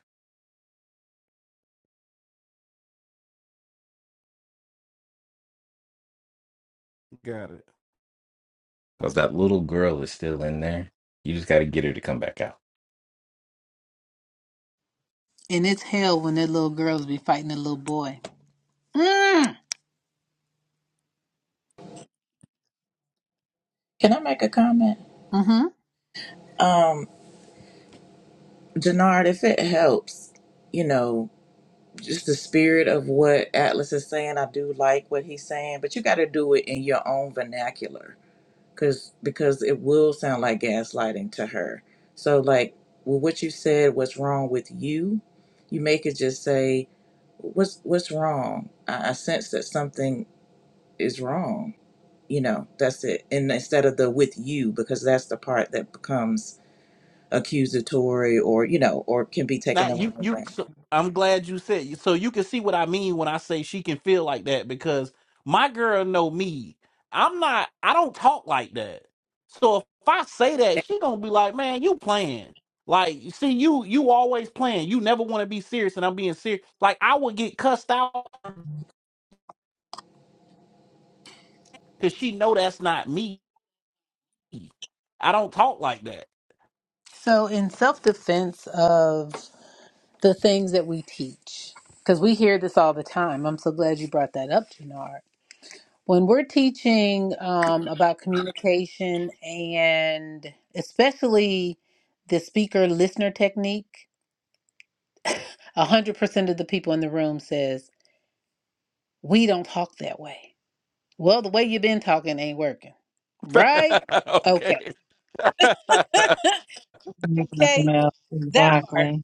Because that little girl is still in there. You just got to get her to come back out. And it's hell when that little girls be fighting a little boy. Mm. Can I make a comment? hmm Um, Jannard, if it helps, you know, just the spirit of what Atlas is saying. I do like what he's saying, but you got to do it in your own vernacular, cause because it will sound like gaslighting to her. So like, well, what you said, what's wrong with you? You make it just say, what's what's wrong? I, I sense that something is wrong. You know, that's it. And instead of the with you, because that's the part that becomes accusatory or you know, or can be Now taken the you, wrong you, way. so, I'm glad you said so. You can see what I mean when I say she can feel like that because my girl know me. I'm not. I don't talk like that. So if I say that, she gonna be like, man, you playing. Like, see, you you always playing. You never want to be serious, and I'm being serious. Like, I would get cussed out because she know that's not me. I don't talk like So in self-defense of the things that we teach, because we hear this all the time. I'm so glad you brought that up, Janard when we're teaching um, about communication and especially the speaker listener technique 100% of the people in the room says we don't talk that way well the way you've been talking ain't working right that. okay okay. Thank Dr. okay Mel. that Exactly. part Can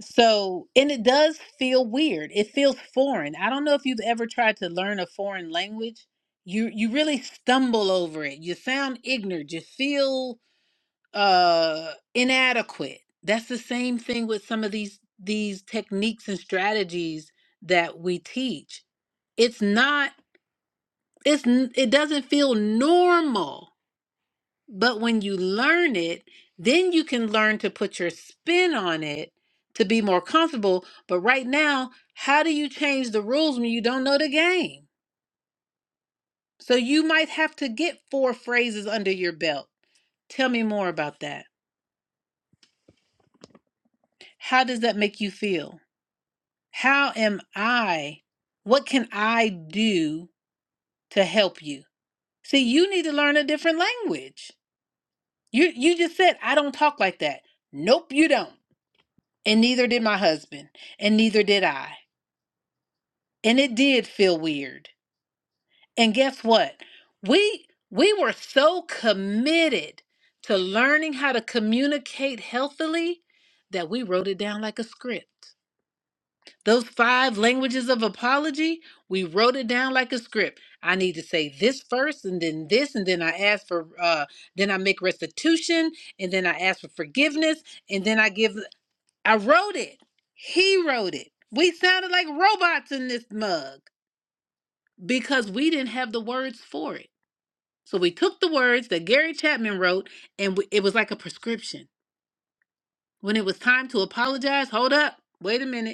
so and it does feel weird it feels foreign i don't know if you've ever tried to learn a foreign language you you really stumble over it you sound ignorant you feel uh inadequate that's the same thing with some of these these techniques and strategies that we teach it's not it's n- it doesn't feel normal but when you learn it then you can learn to put your spin on it to be more comfortable but right now how do you change the rules when you don't know the game so you might have to get four phrases under your belt tell me more about that how does that make you feel How am I? What can I do to help you? See, you need to learn a different language. You you just said I don't talk like that. Nope, you don't. And neither did my husband, and neither did I. And it did feel weird. And guess what? We we were so committed to learning how to communicate healthily that we wrote it down like a script. Those five languages of apology, we wrote it down like a script. I need to say this first and then this and then I ask for uh then I make restitution and then I ask for forgiveness and then I give I wrote it. He wrote it. We sounded like robots in this mug because we didn't have the words for it. So we took the words that Gary Chapman wrote and we, it was like a prescription. When it was time to apologize, hold up. Wait a minute.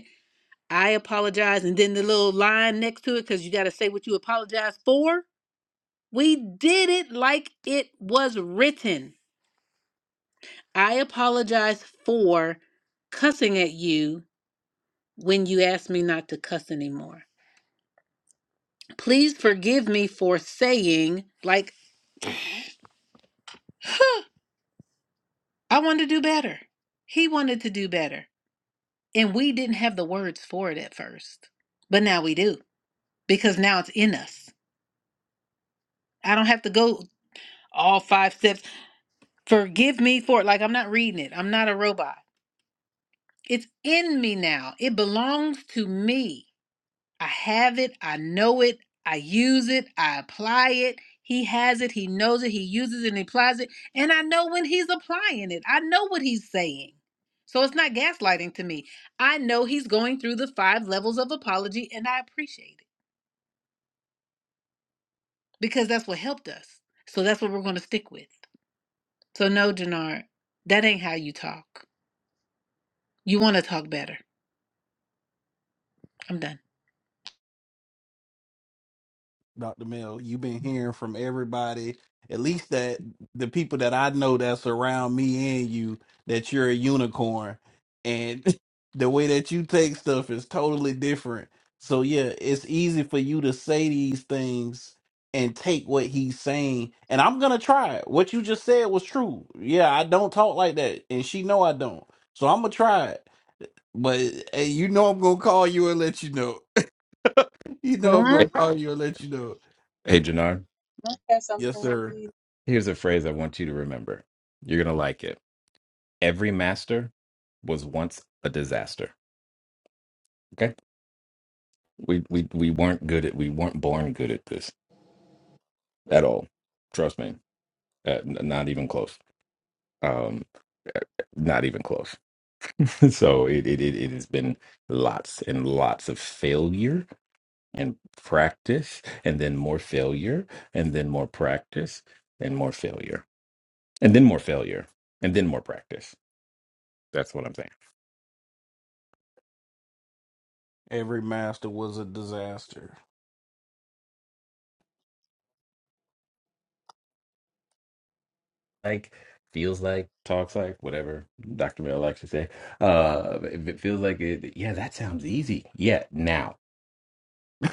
I apologize. And then the little line next to it, because you got to say what you apologize for. We did it like it was written. I apologize for cussing at you when you asked me not to cuss anymore. Please forgive me for saying, like, I wanted to do better. He wanted to do better. And we didn't have the words for it at first. But now we do, because now it's in us. I don't have to go all five steps. Forgive me for it. Like I'm not reading it. I'm not a robot. It's in me now. It belongs to me. I have it. I know it. I use it. I apply it. He has it. He knows it. He uses it and he applies it. And I know when he's applying it. I know what he's saying. So it's not gaslighting to me. I know he's going through the five levels of apology and I appreciate it because that's what helped us. So that's what we're going to stick with. So, no, Jannard, that ain't how you talk. You want to talk better. I'm done. Dr. Mill, you've been hearing from everybody, at least that the people that I know that's around me and you, that you're a unicorn. And the way that you take stuff is totally different. So, yeah, it's easy for you to say these things and take what he's saying. And I'm going to try it. What you just said was true. Yeah, I don't talk like that. And she know I don't. So I'm going to try it. But hey, you know I'm gonna call you and let you know. You know I'm Mhm. Hey, gonna call you and let you know. hey, Janard, I say Yes, something, sir. please? here's a phrase I want you to remember. You're gonna like it. Every master was once a disaster. Okay, we we we weren't good at we weren't born good at this at all. Trust me, uh, n- not even close. Um, eh, not even close. so it, it it it has been lots and lots of failure and practice and then more failure and then more practice and more failure and then more failure and then more practice that's what i'm saying Every master was a disaster. like feels like talks like whatever dr mel likes to say uh if it feels like it yeah that sounds easy yeah now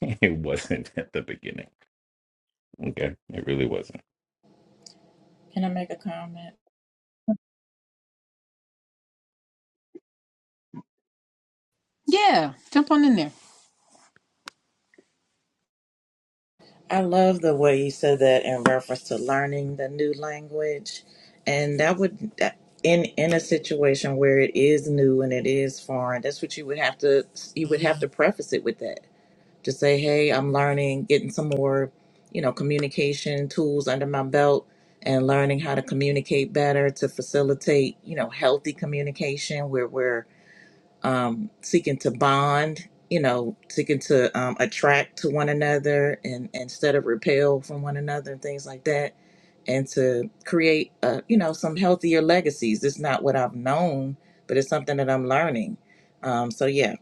it wasn't at the beginning okay it really wasn't Can I make a comment? Yeah, jump on in there. I love the way you said that in reference to learning the new language. And that would, that- in in a situation where it is new and it is foreign, that's what you would have to you would have to preface it with that to say, "Hey, I'm learning, getting some more, you know, communication tools under my belt, and learning how to communicate better to facilitate, you know, healthy communication where we're um, seeking to bond, you know, seeking to um, attract to one another and instead of repel from one another and things like that, and to create, uh, you know, some healthier legacies. It's not what I've known, but it's something that I'm learning. Um, so yeah,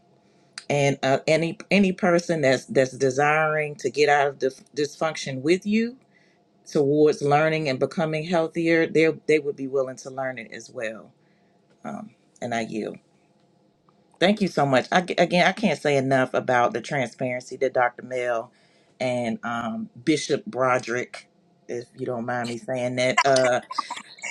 and uh, any any person that's that's desiring to get out of dif- dysfunction with you towards learning and becoming healthier, they they would be willing to learn it as well. Um, and I yield. Thank you so much. I, again, I can't say enough about the transparency that Dr. Mel and um, Bishop Broderick, if you don't mind me saying that, uh,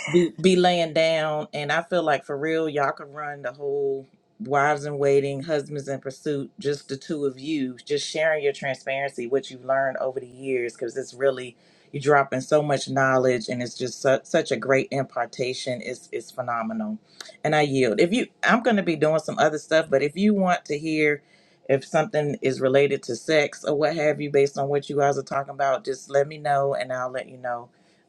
be be laying down and i feel like for real y'all could run the whole wives in waiting husbands in pursuit just the two of you just sharing your transparency what you've learned over the years because it's really you're dropping so much knowledge and it's just su- such a great impartation it's it's phenomenal and i yield if you i'm going to be doing some other stuff but if you want to hear if something is related to sex or what have you based on what you guys are talking about just let me know and i'll let you know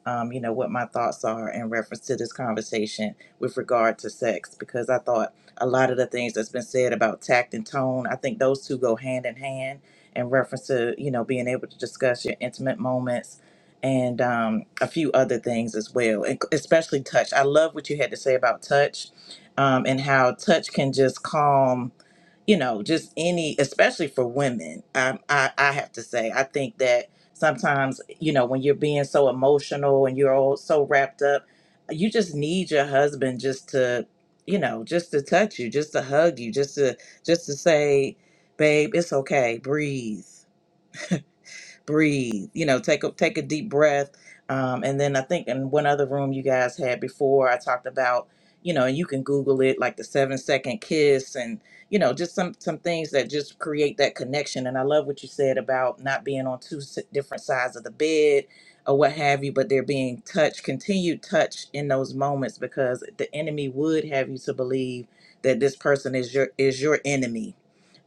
um, you know, what my thoughts are in reference to this conversation with regard to sex, because I thought a lot of the things that's been said about tact and tone, I think those two go hand in hand in reference to, you know, being able to discuss your intimate moments and um, a few other things as well, and especially touch. I love what you had to say about touch um, and how touch can just calm you know, just any, especially for women. Um, I I have to say, I think that sometimes you know when you're being so emotional and you're all so wrapped up you just need your husband just to you know just to touch you just to hug you just to just to say babe it's okay breathe breathe. You know, take a take a deep breath. Um, and then I think in one other room you guys had before, I talked about you know, and you can Google it like the seven second kiss and you know just some some things that just create that connection. And I love what you said about not being on two s- different sides of the bed or what have you, but they're being touch, continued touch in those moments because the enemy would have you to believe that this person is your is your enemy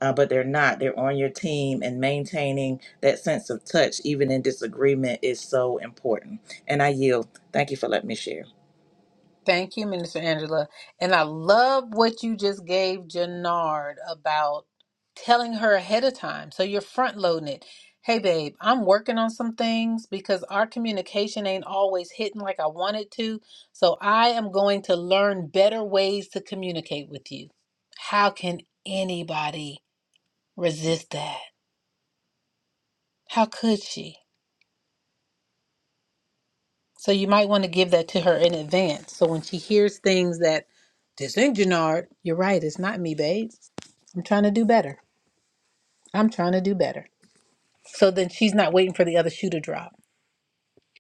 uh, but they're not. They're on your team, and maintaining that sense of touch, even in disagreement, is so important. And I yield. Thank you for letting me share. Thank you, Minister Angela. And I love what you just gave Jannard about telling her ahead of time. So you're front loading it. Hey, babe, I'm working on some things because our communication ain't always hitting like I want it to. So I am going to learn better ways to communicate with you. How can anybody resist that? How could she? So you might want to give that to her in advance. So when she hears things that this ain't Gennard, you're right, it's not me, babe. I'm trying to do better. I'm trying to do better. So then she's not waiting for the other shoe to drop.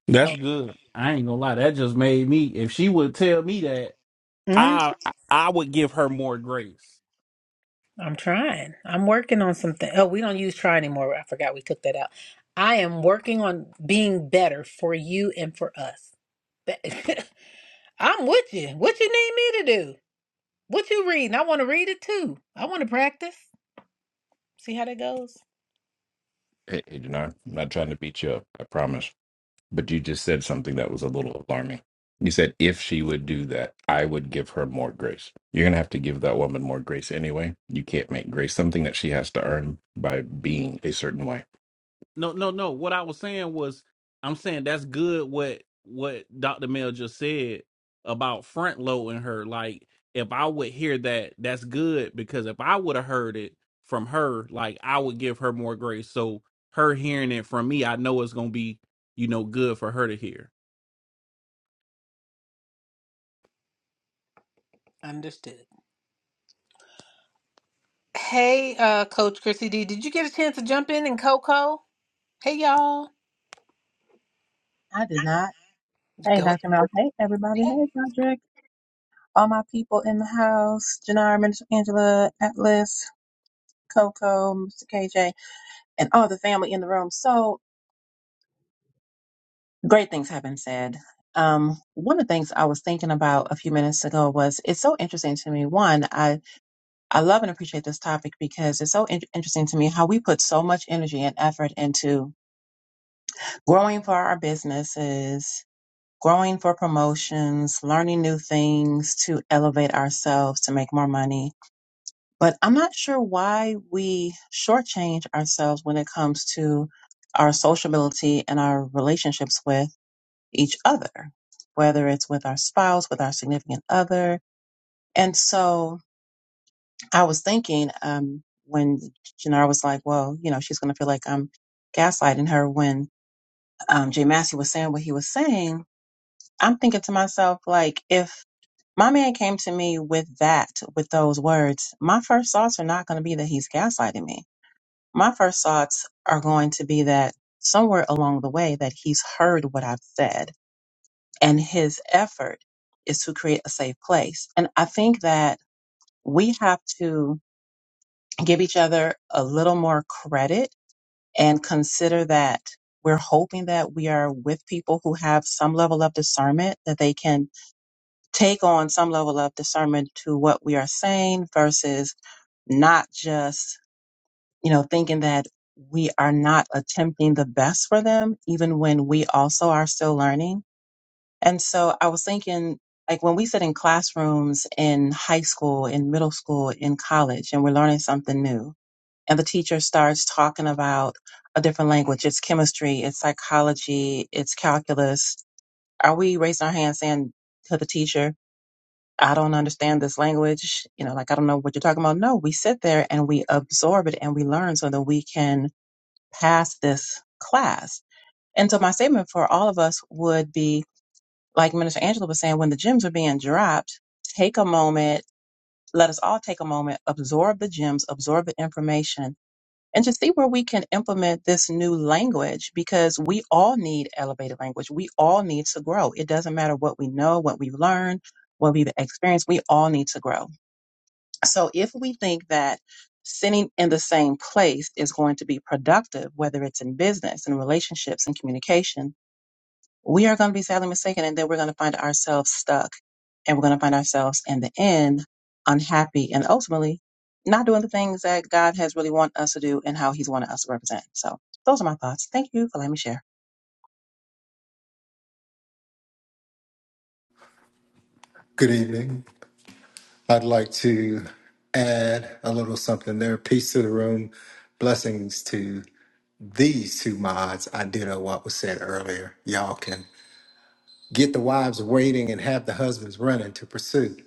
That's Oh, good. I ain't gonna lie. That just made me. If she would tell me that, mm, I I would give her more grace. I'm trying. I'm working on something. Oh, we don't use try anymore. I forgot we took that out. I am working on being better for you and for us. Be- I'm with you. What you need me to do? What you reading? I want to read it too. I want to practice. See how that goes? hey, hey Janar, i'm not trying to beat you up i promise But you just said something that was a little alarming. You said if she would do that, I would give her more grace. You're going to have to give that woman more grace anyway. You can't make grace something that she has to earn by being a certain way. No, no, no. What I was saying was, I'm saying that's good. What what Dr. Mel just said about front loading her. Like, if I would hear that, that's good because if I would have heard it from her, like I would give her more grace. So her hearing it from me, I know it's gonna be, you know, good for her to hear. Understood. Hey, uh, Coach Chrissy D, did you get a chance to jump in and Coco? Hey, y'all. I did not. Hey, Go Dr. Mel. Hey, everybody. Hey, Patrick. All my people in the house. Janara, Minister Angela, Atlas, Coco, Mr. KJ, and all the family in the room. So great things have been said. Um, one of the things I was thinking about a few minutes ago was it's so interesting to me. One, I, I love and appreciate this topic because it's so in- interesting to me how we put so much energy and effort into growing for our businesses, growing for promotions, learning new things to elevate ourselves to make more money. But I'm not sure why we shortchange ourselves when it comes to our sociability and our relationships with each other, whether it's with our spouse, with our significant other. And so I was thinking um, when Janara was like, well, you know, she's going to feel like I'm gaslighting her when um, Jay Massey was saying what he was saying I'm thinking to myself, like, if my man came to me with that, with those words, my first thoughts are not going to be that he's gaslighting me. My first thoughts are going to be that somewhere along the way that he's heard what I've said and his effort is to create a safe place. And I think that we have to give each other a little more credit and consider that we're hoping that we are with people who have some level of discernment that they can take on some level of discernment to what we are saying versus not just, you know, thinking that we are not attempting the best for them, even when we also are still learning. And so I was thinking, like when we sit in classrooms in high school, in middle school, in college, and we're learning something new, and the teacher starts talking about a different language, it's chemistry, it's psychology, it's calculus. Are we raising our hands saying to the teacher, I don't understand this language. You know, like, I don't know what you're talking about. No, we sit there and we absorb it and we learn so that we can pass this class. And so my statement for all of us would be, like Minister Angela was saying, when the gems are being dropped, take a moment, let us all take a moment, absorb the gems, absorb the information, and just see where we can implement this new language because we all need elevated language. We all need to grow. It doesn't matter what we know, what we've learned, what we've experienced. We all need to grow. So if we think that sitting in the same place is going to be productive, whether it's in business, in relationships, in communication, we are going to be sadly mistaken. And then we're going to find ourselves stuck and we're going to find ourselves in the end unhappy and ultimately not doing the things that God has really want us to do and how he's wanted us to represent. So those are my thoughts. Thank you for letting me share. Good evening. I'd like to add a little something there. Peace to the room. Blessings to these two mods. I ditto what was said earlier. Y'all can get the wives waiting and have the husbands running to pursue.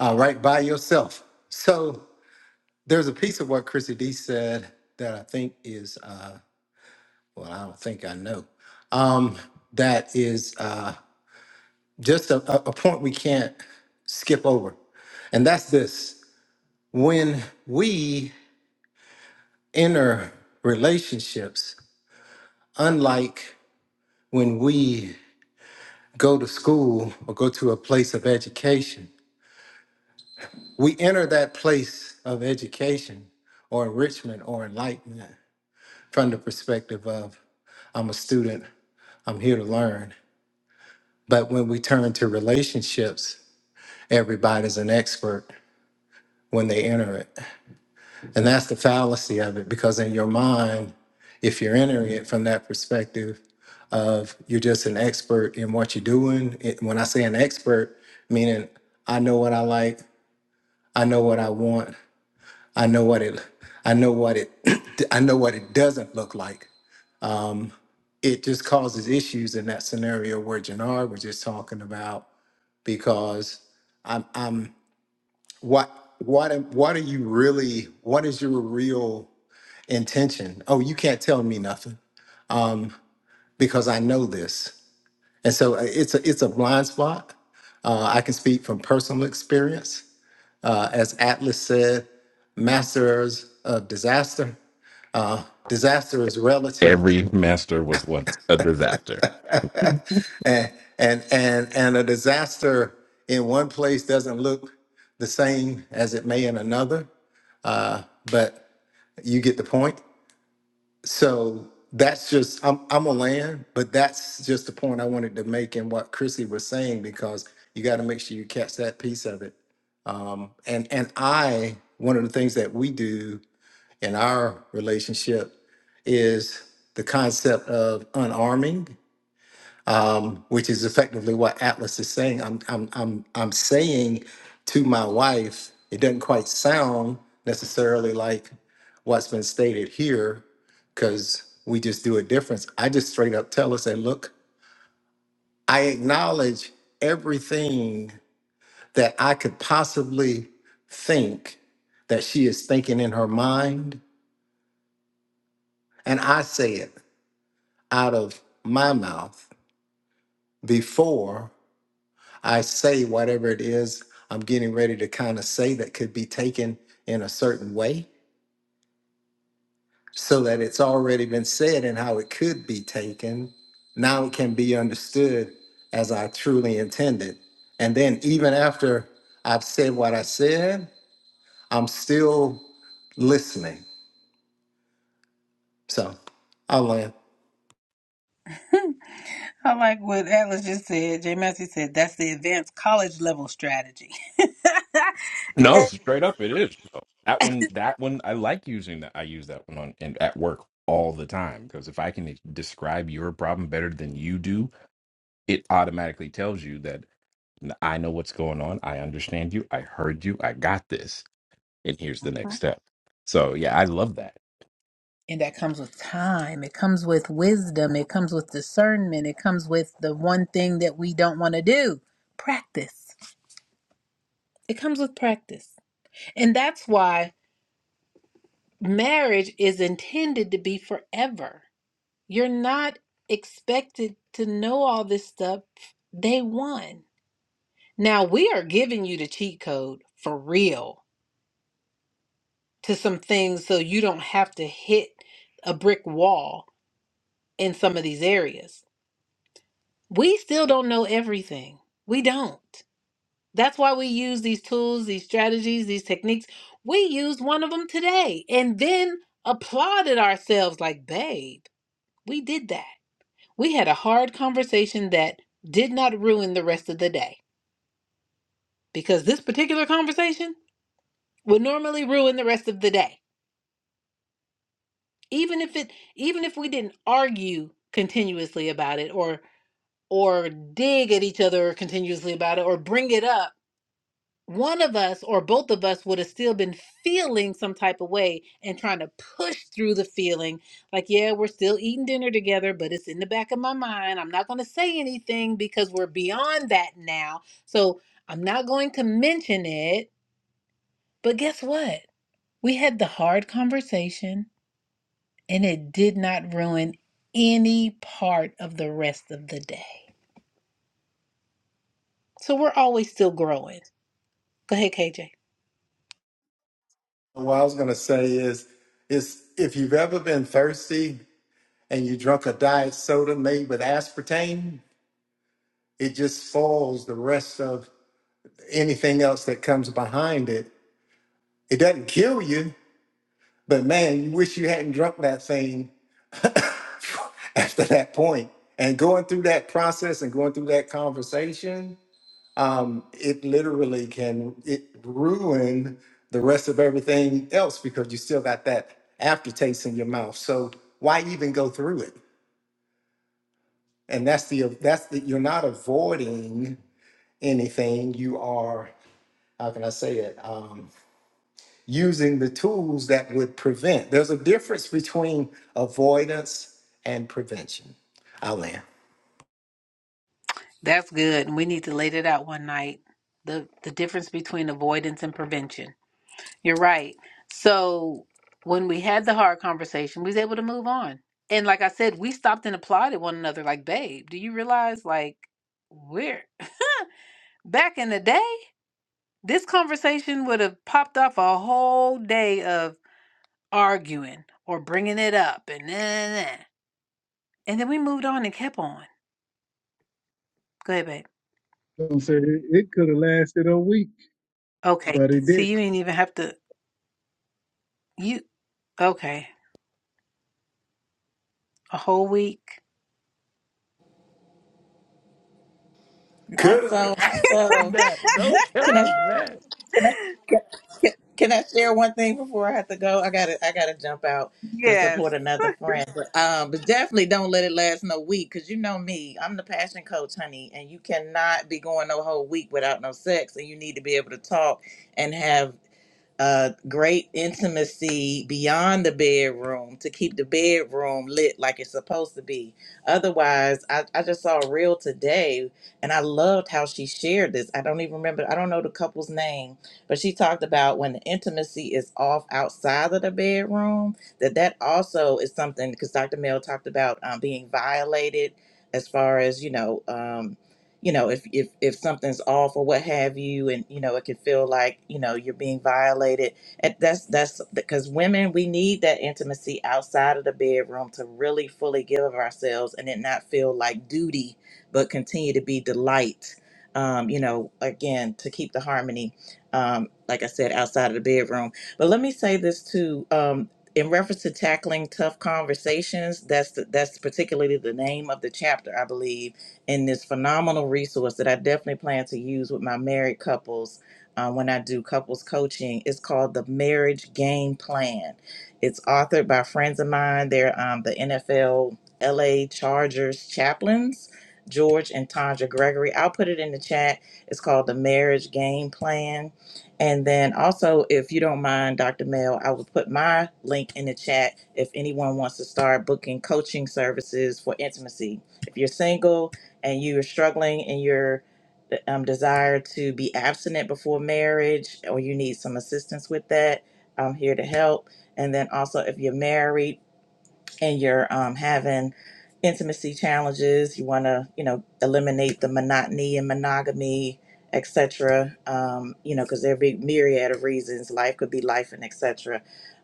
All right, by yourself. So there's a piece of what Chrissy D said that I think is, uh, well, I don't think I know, um, that is uh, just a, a a point we can't skip over. And that's this. when we enter relationships, unlike when we go to school or go to a place of education, we enter that place of education or enrichment or enlightenment from the perspective of I'm a student, I'm here to learn. But when we turn to relationships, everybody's an expert when they enter it. And that's the fallacy of it, because in your mind, if you're entering it from that perspective of you're just an expert in what you're doing, it, when I say an expert, meaning I know what I like, I know what I want, I know what it, I know what it, I know what it doesn't look like. It just causes issues in that scenario where Jannard was just talking about because I'm, I'm what, what, am- what are you really? What is your real? intention. Oh, you can't tell me nothing um, because I know this. And so uh, it's a it's a blind spot. Uh, I can speak from personal experience. Uh, as Atlas said, masters of disaster. Uh, disaster is relative, Every master was once a disaster. and and and and a disaster in one place doesn't look the same as it may in another. Uh, but you get the point. So that's just I'm I'm a land, but that's just the point I wanted to make in what Chrissy was saying because you got to make sure you catch that piece of it. Um, and and I one of the things that we do in our relationship is the concept of unarming which is effectively what Atlas is saying. I'm I'm I'm I'm saying to my wife, it doesn't quite sound necessarily like what's been stated here, because we just do a difference. I just straight up tell her, say, look, I acknowledge everything that I could possibly think that she is thinking in her mind, and I say it out of my mouth before I say whatever it is I'm getting ready to kind of say that could be taken in a certain way so that it's already been said and how it could be taken. Now it can be understood as I truly intended. And then, even after I've said what I said, I'm still listening. So I land. ahead. I like what Atlas just said. Jay Massey said that's the advanced college level strategy. No, straight up, it is. though. That one, that one, I like using that. I use that one on and at work all the time because if I can describe your problem better than you do, it automatically tells you that. I know what's going on. I understand you. I heard you. I got this. And here's the next step. So yeah, I love that. and that comes with time. It comes with wisdom. It comes with discernment. It comes with the one thing that we don't want to do practice. It comes with practice. And that's why marriage is intended to be forever You're not expected to know all this stuff day one. Now, we are giving you the cheat code for real to some things so you don't have to hit a brick wall in some of these areas. We still don't know everything. We don't. That's why we use these tools, these strategies, these techniques. We used one of them today and then applauded ourselves like, babe, we did that. We had a hard conversation that did not ruin the rest of the day because this particular conversation would normally ruin the rest of the day. Even if it even if we didn't argue continuously about it or or dig at each other continuously about it or bring it up one of us or both of us would have still been feeling some type of way and trying to push through the feeling like yeah we're still eating dinner together but it's in the back of my mind i'm not going to say anything because we're beyond that now so i'm not going to mention it but guess what we had the hard conversation and it did not ruin any part of the rest of the day so we're always still growing go ahead kj What I was gonna say is, is if you've ever been thirsty and you drunk a diet soda made with aspartame, it just foils the rest of anything else that comes behind it. It doesn't kill you, but man, you wish you hadn't drunk that thing after that point. And going through that process and going through that conversation, um, it literally can it ruin the rest of everything else because you still got that aftertaste in your mouth. So why even go through it? And that's the that's the you're not avoiding anything. You are how can I say it? Um, using the tools that would prevent. There's a difference between avoidance and prevention. I'll land. That's good. And we need to lay that out one night. The the difference between avoidance and prevention. You're right. So when we had the hard conversation, we was able to move on. And like I said, we stopped and applauded one another like, babe, do you realize like we're back in the day, this conversation would have popped off a whole day of arguing or bringing it up and nah, nah, nah." nah. and then we moved on and kept on. Go ahead, babe. I'm saying it, it could have lasted a week, Okay, but it so you didn't. didn't even have to. You okay? A whole week? Not Good. so. Not so. That don't Can tell I? her Can I? Can, can can I share one thing before I have to go? I gotta. I gotta jump out to support Yes. another friend. But, um, but definitely don't let it last no week, cause you know me. I'm the passion coach, honey, and you cannot be going no whole week without no sex, and you need to be able to talk and have A great intimacy beyond the bedroom to keep the bedroom lit like it's supposed to be. Otherwise, I, I just saw a reel today and I loved how she shared this. I don't even remember, I don't know the couple's name, but she talked about when the intimacy is off outside of the bedroom, that that also is something because Dr. Mel talked about um, being violated as far as, you know, um, you know if if if something's off or what have you and you know it can feel like you know you're being violated and that's that's because women we need that intimacy outside of the bedroom to really fully give of ourselves and it not feel like duty but continue to be delight um you know again to keep the harmony um like i said outside of the bedroom but let me say this too um in reference to tackling tough conversations that's the, that's particularly the name of the chapter i believe and this phenomenal resource that I definitely plan to use with my married couples uh, when I do couples coaching. It's called the Marriage Game Plan. It's authored by friends of mine. They're um, the NFL LA Chargers chaplains, George and Tanja Gregory. I'll put it in the chat. It's called the Marriage Game Plan. And then also, if you don't mind, Dr. Mel, I will put my link in the chat if anyone wants to start booking coaching services for intimacy. If you're single, and you are struggling in your um, desire to be abstinent before marriage or you need some assistance with that, I'm here to help. And then also, if you're married, and you're um, having intimacy challenges, you want to, you know, eliminate the monotony and monogamy, etc. Um, you know, because there be myriad of reasons. Life could be life and etc.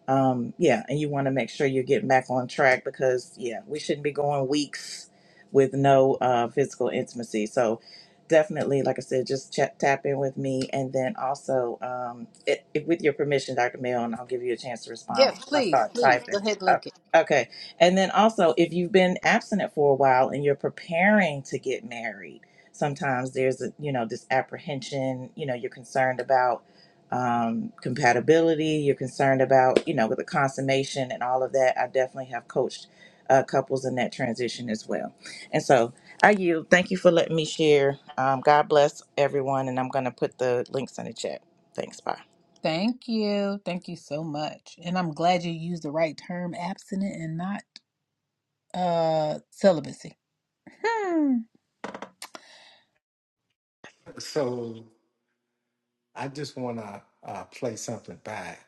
Um, yeah, and you want to make sure you're getting back on track because yeah, we shouldn't be going weeks with no uh, physical intimacy. So definitely, like I said, just chat, tap in with me, and then also, um, i if with your permission, Dr. Mill, and I'll give you a chance to respond Yes, before I please, start please. Go typing. ahead, Uh, link it. okay and then also, if you've been abstinent for a while and you're preparing to get married, sometimes there's a, you know this apprehension. You know, you're concerned about um, compatibility. You're concerned about you know with the consummation and all of that. I definitely have coached uh, couples in that transition as well. And so I yield. Thank you for letting me share. Um, God bless everyone, and I'm going to put the links in the chat. Thanks. Bye. Thank you. Thank you so much. And I'm glad you used the right term, abstinent and not uh celibacy. Hmm. So I just want to uh, play something back,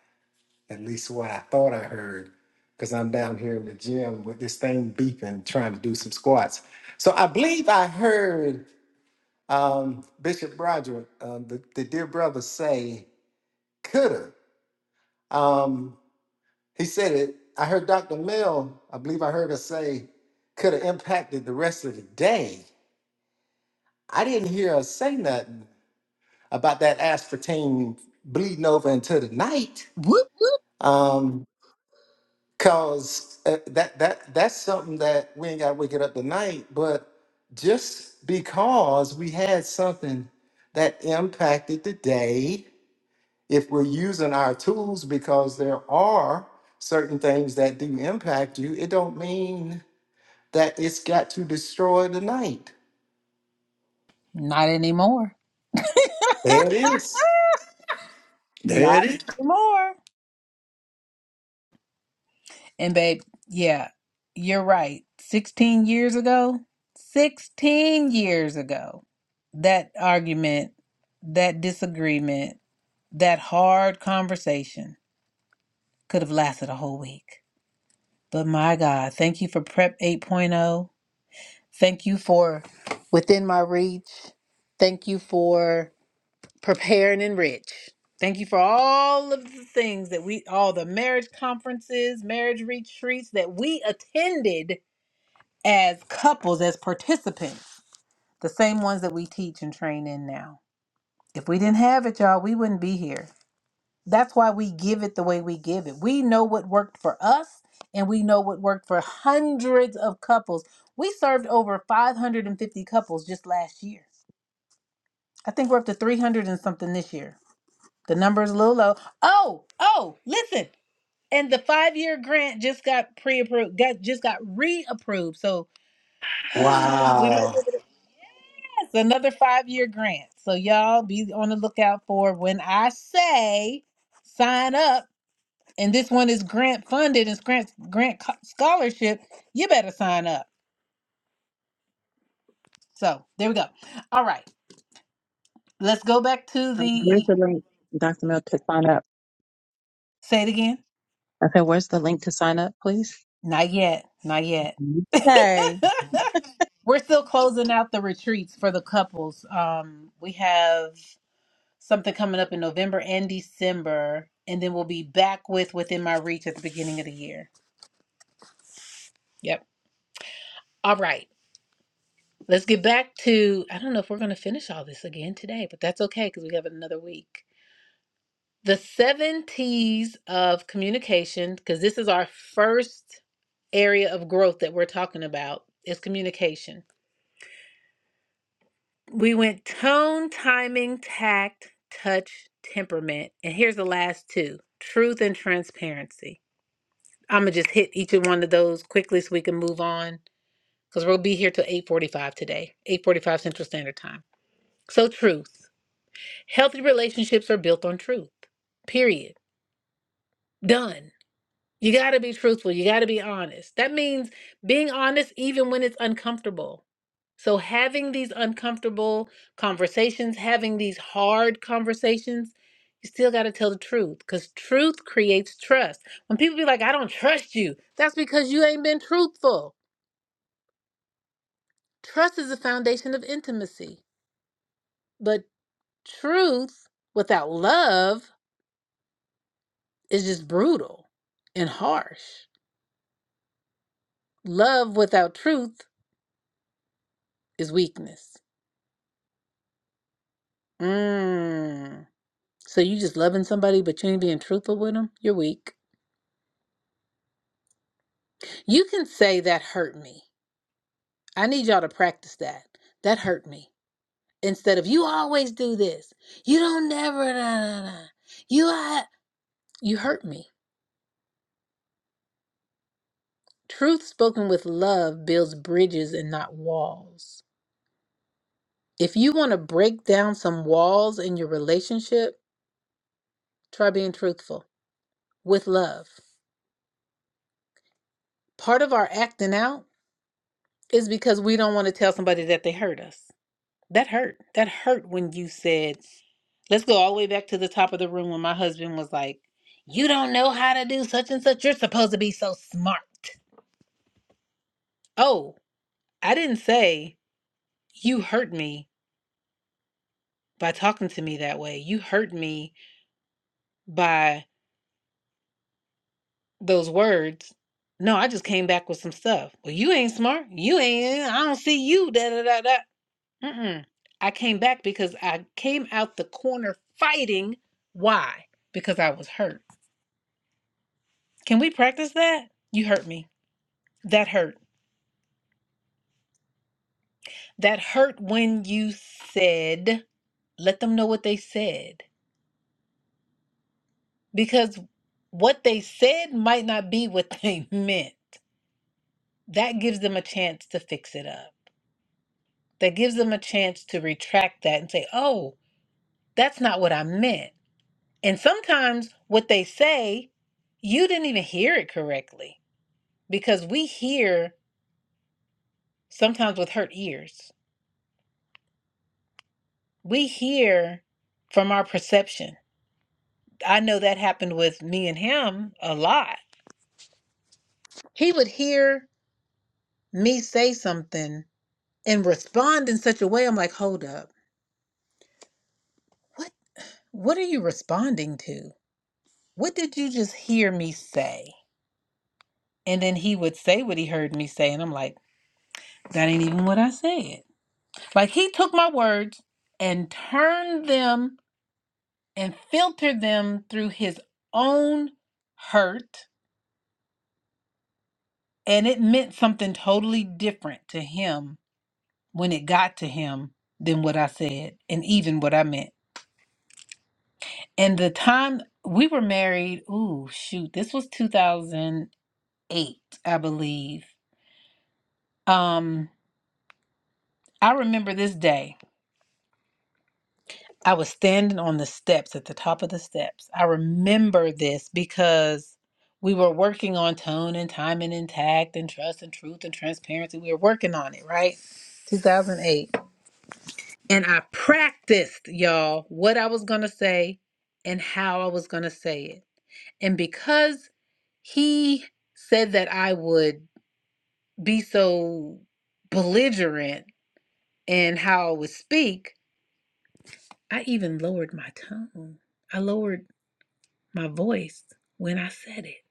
at least what I thought I heard, because I'm down here in the gym with this thing beeping, trying to do some squats. So I believe I heard um, Bishop Broderick, uh, the, the dear brother, say, coulda. Um, He said it. I heard Dr. Mel, I believe I heard her say, could have impacted the rest of the day. I didn't hear her say nothing about that aspartame bleeding over into the night. Whoop whoop. Um, cause uh, that that that's something that we ain't got to wake it up tonight. But just because we had something that impacted the day, if we're using our tools, because there are certain things that do impact you, it don't mean that it's got to destroy the night. Not anymore. There it is. Not There it is. anymore. And babe, yeah, you're right. 16 years ago, 16 years ago, that argument, that disagreement, that hard conversation Could have lasted a whole week. But my God, thank you for Prep 8.0. Thank you for Within My Reach. Thank you for Preparing and Rich. Thank you for all of the things that we, all the marriage conferences, marriage retreats that we attended as couples, as participants, the same ones that we teach and train in now. If we didn't have it, y'all, we wouldn't be here. That's why we give it the way we give it. We know what worked for us and we know what worked for hundreds of couples. We served over 550 couples just last year. I think we're up to 300 and something this year. The number is a little low. Oh, oh, listen. And the five-year grant just got pre-approved, got, just got re-approved. So we might be Wow. able to yes, another five-year grant. So y'all be on the lookout for when I say sign up and this one is grant funded and grant grant co- scholarship you better sign up so there we go all right let's go back to Um, where's the the link, Dr. Mill, to sign up? say it again I said, where's the link to sign up, please? not yet not yet Yay. we're still closing out the retreats for the couples um we have something coming up in november and december and then we'll be back with within my reach at the beginning of the year yep all right let's get back to i don't know if we're going to finish all this again today but that's okay because we have another week The seven T's of communication, because this is our first area of growth that we're talking about, is communication. We went tone, timing, tact, touch, temperament. And here's the last two truth and transparency. I'm going to just hit each of one of those quickly so we can move on because we'll be here till 8.45 today, 8.45 Central Standard Time. So truth. Healthy relationships are built on truth. Period. Done. You got to be truthful. You got to be honest. That means being honest even when it's uncomfortable. So, having these uncomfortable conversations, having these hard conversations, you still got to tell the truth because truth creates trust. When people be like, I don't trust you, that's because you ain't been truthful. Trust is the foundation of intimacy. But truth without love is just brutal and harsh. Love without truth is weakness. Mm. So you just loving somebody, but you ain't being truthful with them? You're weak. You can say that hurt me. I need y'all to practice that. That hurt me. Instead of you always do this. You don't never da, da, da. You are you hurt me. Truth spoken with love builds bridges and not walls. If you want to break down some walls in your relationship, try being truthful with love. Part of our acting out is because we don't want to tell somebody that they hurt us. That hurt. That hurt when you said, let's go all the way back to the top of the room when my husband was like, You don't know how to do such and such. You're supposed to be so smart. Oh, I didn't say you hurt me by talking to me that way. You hurt me by those words. No, I just came back with some stuff. Well, you ain't smart. You ain't. I don't see you. Da da da da. Mm-mm. I came back because I came out the corner fighting. Why? Because I was hurt. Can we practice that? You hurt me. That hurt. That hurt when you said, let them know what they said. Because what they said might not be what they meant. That gives them a chance to fix it up. That gives them a chance to retract that and say, oh, that's not what I meant. And sometimes what they say, you didn't even hear it correctly because we hear sometimes with hurt ears. We hear from our perception I know that happened with me and him a lot. He would hear me say something and respond in such a way I'm like, "Hold up. What what are you responding to? What did you just hear me say?" And then he would say what he heard me say and I'm like, "That ain't even what I said." Like he took my words and turned them and filtered them through his own hurt and it meant something totally different to him when it got to him than what I said and even what I meant. And the time we were married, ooh, shoot, this was 2008, I believe. Um, I remember this day. I was standing on the steps at the top of the steps. I remember this because we were working on tone and time and intact and trust and truth and transparency. We were working on it, right? 2008. And I practiced, y'all, what I was going to say and how I was going to say it. And because he said that I would be so belligerent in how I would speak, I even lowered my tone. I lowered my voice when I said it.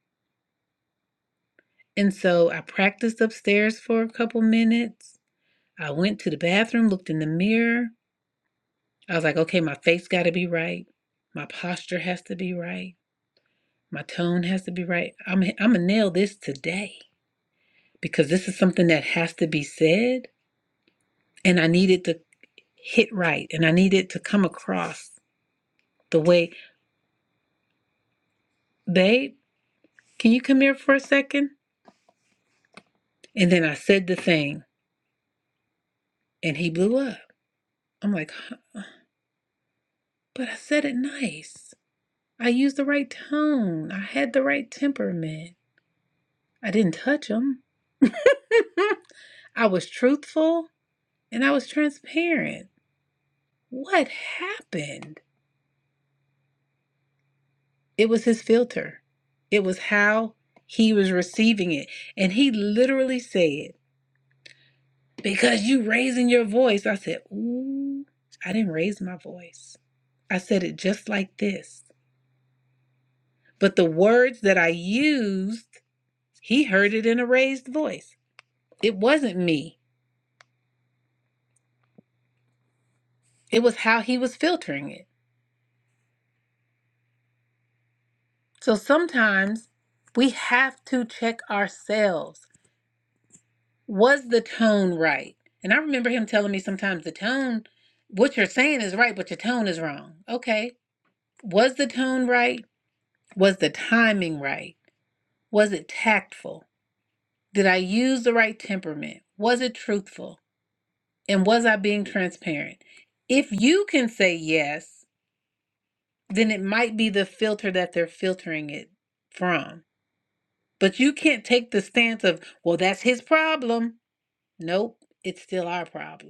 And so I practiced upstairs for a couple minutes. I went to the bathroom, looked in the mirror. I was like, okay, my face got to be right. My posture has to be right My tone has to be right. I'm I'm gonna nail this today because this is something that has to be said, and I need it to hit right, and I need it to come across the way. Babe, can you come here for a second? And then I said the thing, and he blew up. I'm like, huh, but I said it nice. I used the right tone. I had the right temperament. I didn't touch him. I was truthful and I was transparent. What happened? It was his filter. It was how he was receiving it. And he literally said, Because you raising your voice. I said, Ooh, I didn't raise my voice. I said it just like this. But the words that I used, he heard it in a raised voice. It wasn't me, it was how he was filtering it. So sometimes we have to check ourselves. was the tone right? And I remember him telling me sometimes the tone, what you're saying is right, but your tone is wrong. Okay. Was the tone right? Was the timing right? Was it tactful? Did I use the right temperament? Was it truthful? And was I being transparent? If you can say yes, then it might be the filter that they're filtering it from. But you can't take the stance of, well, that's his problem. Nope, it's still our problem.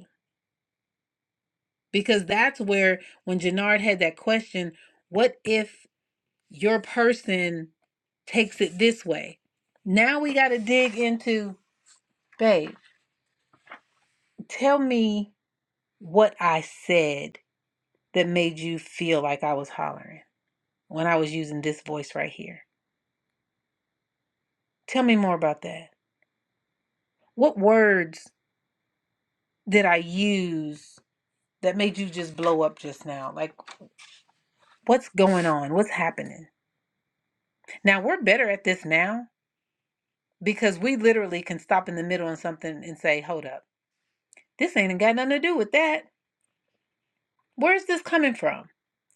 because that's where when Jannard had that question, what if your person takes it this way? Now we got to dig into, babe, tell me what I said that made you feel like I was hollering when I was using this voice right here. Tell me more about that. What words did I use that made you just blow up just now? Like, what's going on? What's happening? Now, we're better at this now because we literally can stop in the middle on something and say, hold up, this ain't got nothing to do with that. Where's this coming from?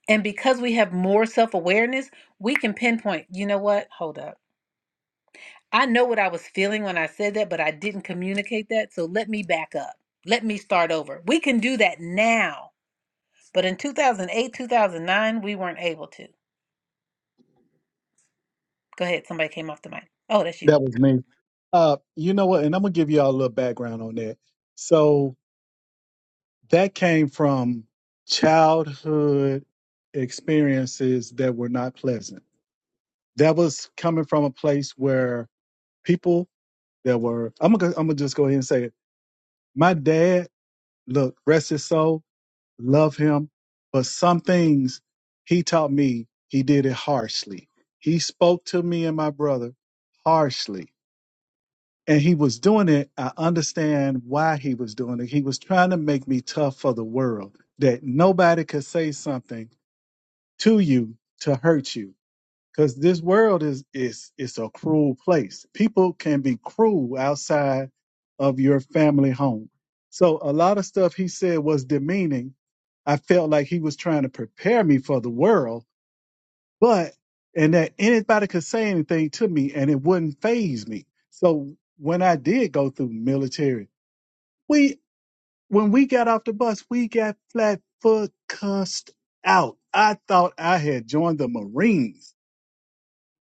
And because we have more self awareness, we can pinpoint, you know what? Hold up. I know what I was feeling when I said that, but I didn't communicate that. So let me back up. Let me start over. We can do that now. But in 2008, 2009, we weren't able to. Go ahead. Somebody came off the mic. Oh, that's you. That was me. Uh, you know what? And I'm gonna give y'all a little background on that. So that came from childhood experiences that were not pleasant. That was coming from a place where people that were I'm gonna I'm gonna just go ahead and say it. My dad, look, rest his soul, love him, but some things he taught me, he did it harshly. He spoke to me and my brother harshly. And he was doing it. I understand why he was doing it. He was trying to make me tough for the world, that nobody could say something to you to hurt you because this world is is it's a cruel place. People can be cruel outside of your family home. So a lot of stuff he said was demeaning. I felt like he was trying to prepare me for the world, but and that anybody could say anything to me and it wouldn't phase me. So when I did go through military, we when we got off the bus, we got flat foot cussed out. I thought I had joined the Marines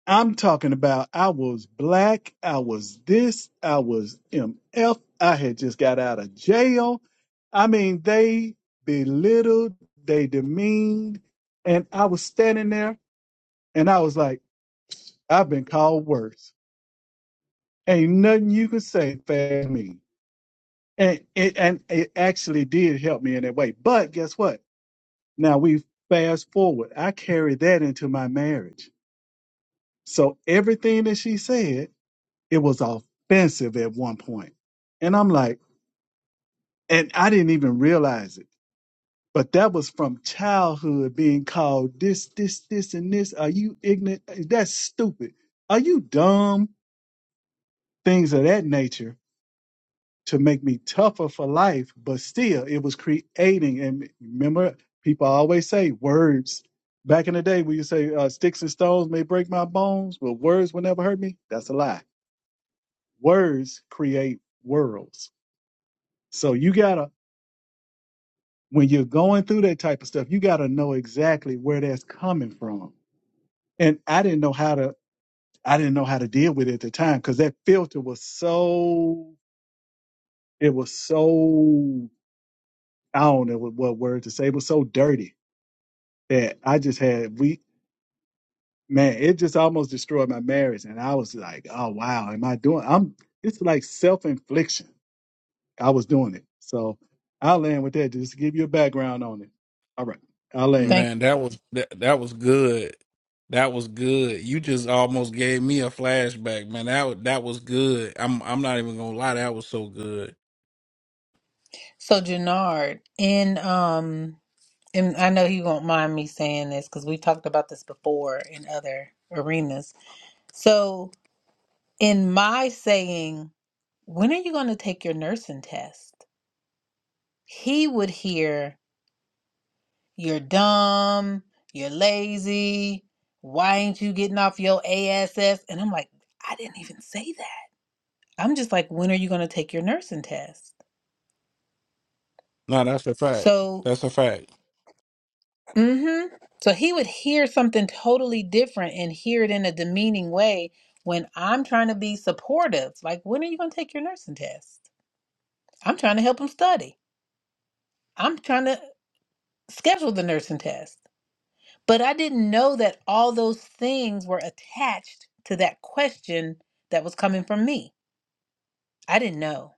I'm talking about I was black, I was this, I was MF, I had just got out of jail. I mean, they belittled, they demeaned, and I was standing there and I was like, I've been called worse. Ain't nothing you can say for me. And it and it actually did help me in that way. But guess what? Now we fast forward. I carried that into my marriage. So everything that she said It was offensive at one point. And I'm like, and I didn't even realize it. But that was from childhood being called this, this, this, and this. Are you ignorant? That's stupid. Are you dumb? Things of that nature to make me tougher for life. But still, it was creating. And remember, people always say words. Back in the day, we used to say uh, sticks and stones may break my bones, but words will never hurt me. That's a lie. Words create worlds. So you got to when you're going through that type of stuff, you got to know exactly where that's coming from. And I didn't know how to I didn't know how to deal with it at the time because that filter was so it was so I don't know what, what word to say. It was so dirty that I just had we man, it just almost destroyed my marriage. And I was like, oh wow, am I doing I'm it's like self infliction. I was doing it. So I'll land with that just to give you a background on it. All right. I'll land. Thank Man, you. that was that, that was good. That was good. You just almost gave me a flashback, man. That wa- that was good. I'm I'm not even gonna lie, that was so good. So, Jannard, in um, and I know he won't mind me saying this because we talked about this before in other arenas. So, in my saying, when are you going to take your nursing test? He would hear, You're dumb, you're lazy, why ain't you getting off your ASS? And I'm like, I didn't even say that. I'm just like, When are you going to take your nursing test? No, that's a fact. So That's a fact. hmm So he would hear something totally different and hear it in a demeaning way when I'm trying to be supportive. Like, when are you going to take your nursing test? I'm trying to help him study. I'm trying to schedule the nursing test. But I didn't know that all those things were attached to that question that was coming from me. I didn't know.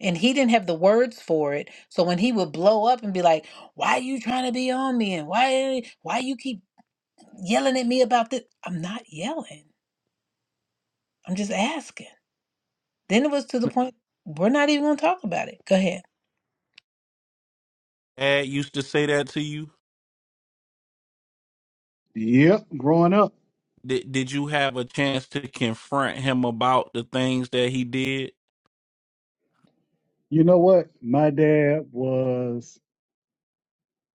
And he didn't have the words for it. So when he would blow up and be like, why you trying to be on me? And why, why you keep yelling at me about this. I'm not yelling. I'm just asking. Then it was to the point we're not even going to talk about it. Go ahead. Dad used to say that to you? Yep, growing up. Did did you have a chance to confront him about the things that he did? You know what? My dad was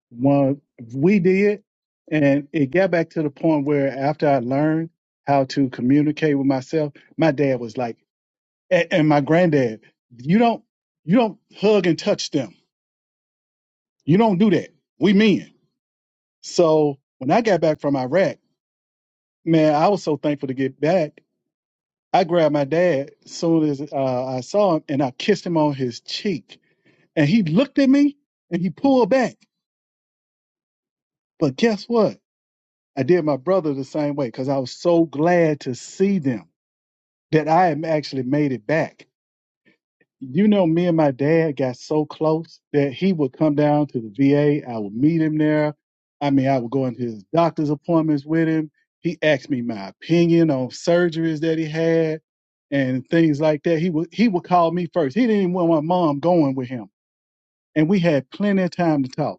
one. We did, and it got back to the point where after I learned how to communicate with myself, my dad was like, a- and my granddad, you don't, you don't hug and touch them. You don't do that. We men. So when I got back from Iraq, man, I was so thankful to get back. I grabbed my dad as soon as uh, I saw him, and I kissed him on his cheek, and he looked at me and he pulled back. But guess what? I did my brother the same way because I was so glad to see them that I had actually made it back. You know, me and my dad got so close that he would come down to the VA. I would meet him there. I mean, I would go into his doctor's appointments with him. He asked me my opinion on surgeries that he had and things like that. He would he would call me first. He didn't even want my mom going with him. And we had plenty of time to talk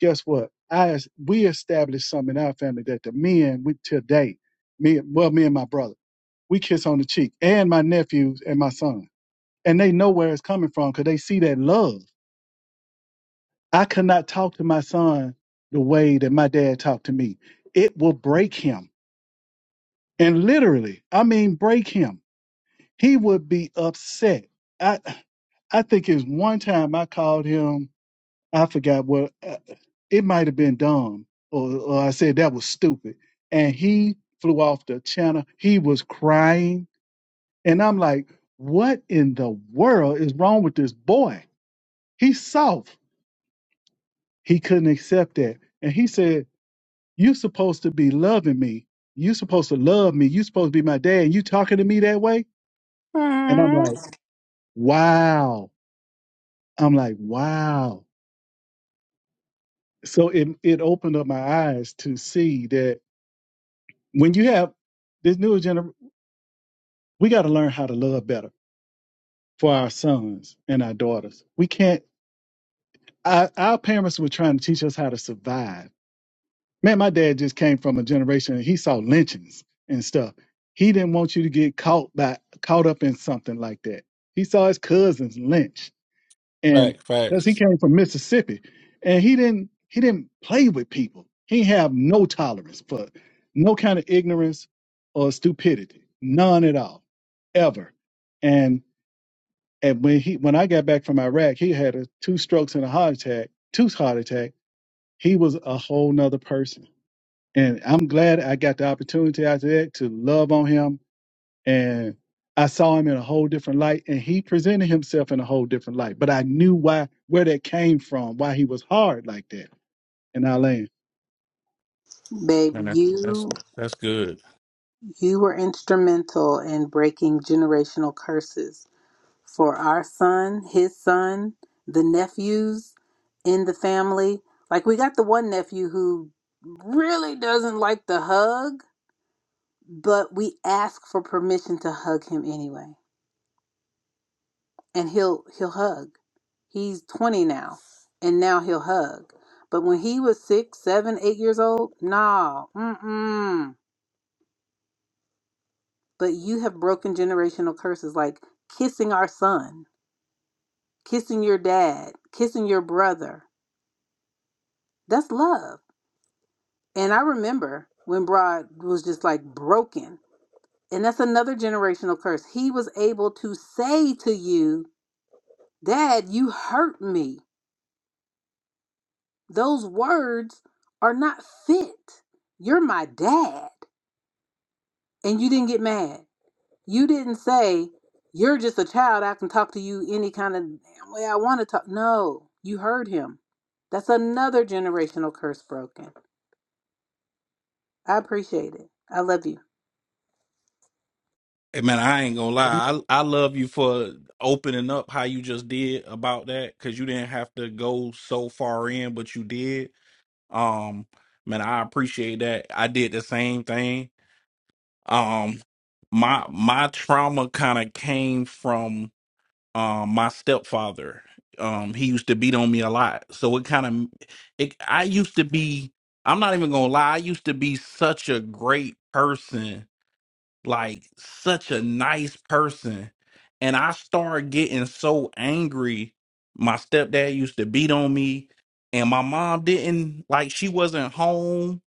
guess what? I we established something in our family that the men we today, me well, me and my brother, we kiss on the cheek, and my nephews and my son, and they know where it's coming from because they see that love. I could not talk to my son the way that my dad talked to me. It will break him, and literally, I mean, break him. He would be upset. I I think it's one time I called him I forgot what uh, it might have been dumb, or, or I said that was stupid. And he flew off the channel. He was crying, and I'm like, "What in the world is wrong with this boy? He's soft. He couldn't accept that." And he said, "You supposed to be loving me. You supposed to love me. You supposed to be my dad. And you talking to me that way?" And I'm like, Mm. "Wow." I'm like, "Wow." So it it opened up my eyes to see that when you have this newer generation, we got to learn how to love better for our sons and our daughters. We can't. Our, our parents were trying to teach us how to survive. Man, my dad just came from a generation and he saw lynchings and stuff. He didn't want you to get caught by caught up in something like that. He saw his cousins lynched and Fact, because he facts. came from Mississippi, and he didn't he didn't play with people. He have no tolerance for no kind of ignorance or stupidity, none at all, ever. And and when he when I got back from Iraq, he had a, two strokes and a heart attack, two heart attack. He was a whole nother person, and I'm glad I got the opportunity after that to love on him and I saw him in a whole different light, and he presented himself in a whole different light. But I knew why where that came from, why he was hard like that. And I land. Man, Baby, that- that's you that's good. you were instrumental in breaking generational curses for our son, his son, the nephews in the family. Like we got the one nephew who really doesn't like the hug, but we ask for permission to hug him anyway. and he'll he'll hug. He's 20 now, and now he'll hug. But when he was six, seven, eight years old, nah, mm-mm. But you have broken generational curses like kissing our son, kissing your dad, kissing your brother. That's love. And I remember when Broad was just like broken. And that's another generational curse. He was able to say to you, Dad, you hurt me. Those words are not fit. You're my dad. And you didn't get mad. You didn't say, You're just a child. I can talk to you any kind of damn way I want to talk. No, you heard him. That's another generational curse broken. I appreciate it. I love you. Hey, man, I ain't gonna lie. I I love you for opening up how you just did about that because you didn't have to go so far in, but you did. Um, man, I appreciate that. I did the same thing. Um, my my trauma kind of came from um my stepfather um he used to beat on me a lot so it kind of it i used to be i'm not even gonna lie i used to be such a great person like such a nice person and i started getting so angry my stepdad used to beat on me and my mom didn't like she wasn't home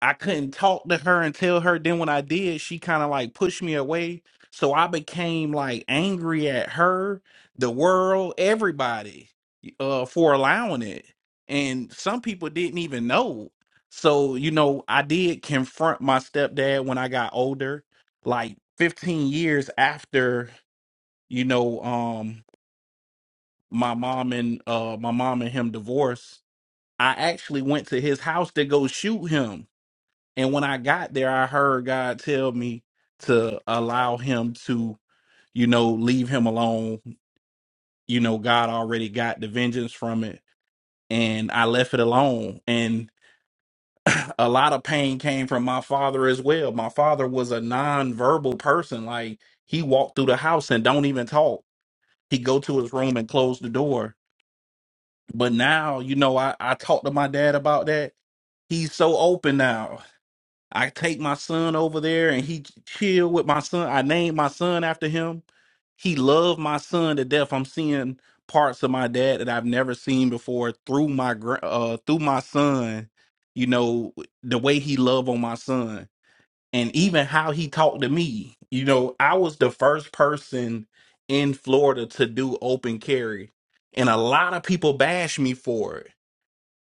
I couldn't talk to her and tell her. Then when I did, she kind of like pushed me away. So I became like angry at her, the world, everybody uh, for allowing it. And some people didn't even know. So, you know, I did confront my stepdad when I got older, like 15 years after, you know, um, my mom and uh, my mom and him divorced. I actually went to his house to go shoot him and when I got there, I heard God tell me to allow him to, you know, leave him alone. You know, God already got the vengeance from it. And I left it alone. And a lot of pain came from my father as well. My father was a non-verbal person. Like he walked through the house and don't even talk. He'd go to his room and close the door. But now, you know, I, I talked to my dad about that. He's so open now I take my son over there and he chill with my son. I named my son after him. He loved my son to death. I'm seeing parts of my dad that I've never seen before through my gra- uh through my son. You know the way he loved on my son and even how he talked to me. You know, I was the first person in Florida to do open carry and a lot of people bash me for it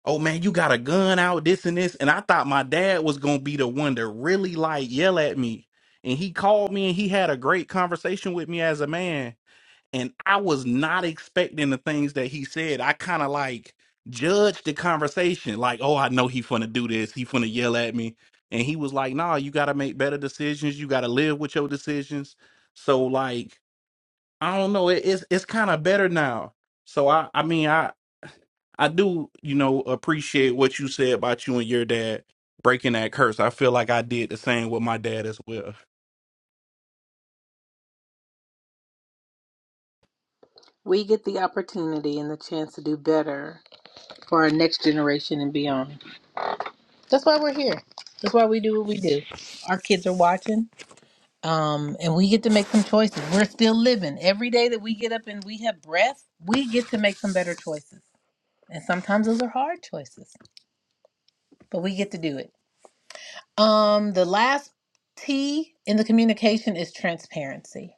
oh man, you got a gun out, this and this. And I thought my dad was gonna be the one to really like yell at me. And he called me and he had a great conversation with me as a man. And I was not expecting the things that he said. I kind of like judged the conversation, like, oh, I know he finna do this, he finna yell at me. And he was like, nah, you gotta make better decisions, you gotta live with your decisions. So like I don't know. It, it's it's kind of better now. So I I mean I I do you know appreciate what you said about you and your dad breaking that curse. I feel like I did the same with my dad as well. We get the opportunity and the chance to do better for our next generation and beyond. That's why we're here. That's why we do what we do. Our kids are watching um, and we get to make some choices. We're still living. Every day that we get up and we have breath, we get to make some better choices. And sometimes those are hard choices, but we get to do it. Um, the last T in the communication is transparency.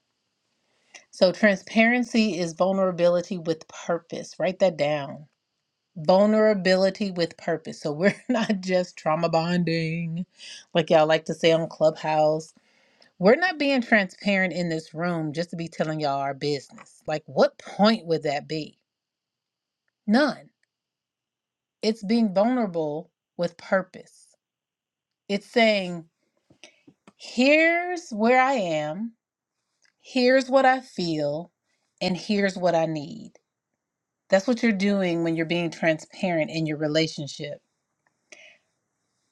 So transparency is vulnerability with purpose. Write that down. Vulnerability with purpose. So we're not just trauma bonding, like y'all like to say on Clubhouse We're not being transparent in this room just to be telling y'all our business. Like, what point would that be? None. It's being vulnerable with purpose. It's saying, here's where I am, here's what I feel, and here's what I need. That's what you're doing when you're being transparent in your relationship.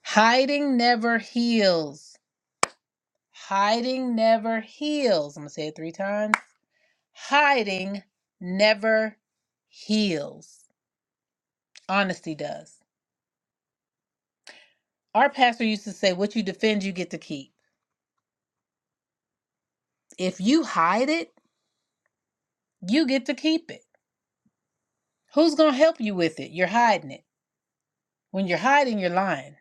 Hiding never heals. Hiding never heals. I'm going to say it three times. Hiding never heals. Honesty does. Our pastor used to say, What you defend, you get to keep. If you hide it, you get to keep it. Who's going to help you with it? You're hiding it. When you're hiding, you're lying.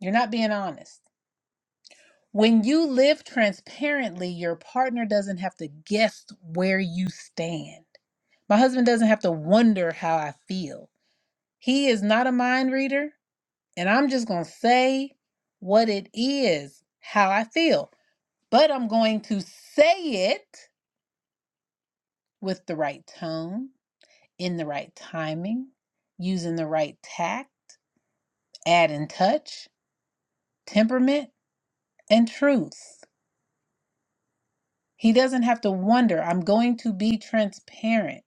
You're not being honest. When you live transparently, your partner doesn't have to guess where you stand. My husband doesn't have to wonder how I feel. He is not a mind reader, and I'm just going to say what it is, how I feel. But I'm going to say it with the right tone, in the right timing, using the right tact, add adding touch, temperament, and truth. He doesn't have to wonder, I'm going to be transparent.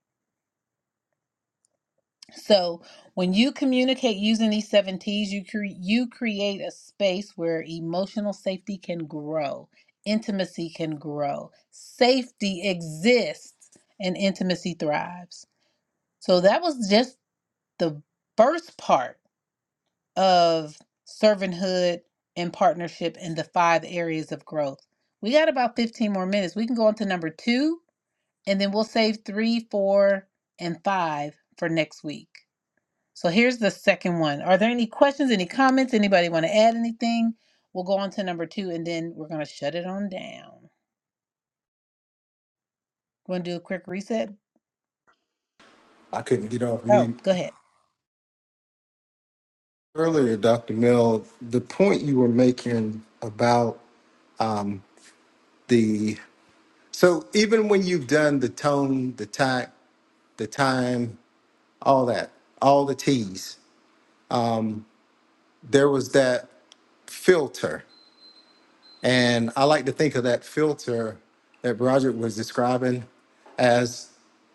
So, when you communicate using these seven T's, you, cre- you create a space where emotional safety can grow, intimacy can grow, safety exists, and intimacy thrives. So, that was just the first part of servanthood and partnership in the five areas of growth. We got about 15 more minutes. We can go on to number two, and then we'll save three, four, and five for next week. So here's the second one. Are there any questions, any comments? Anybody want to add anything? We'll go on to number two, and then we're going to shut it on down. Want to do a quick reset? I couldn't get off Oh, mute. go ahead. Earlier, Dr. Mill, the point you were making about um, the so even when you've done the tone, the time, the time, all that, all the T's, um, there was that filter. And I like to think of that filter that Broderick was describing as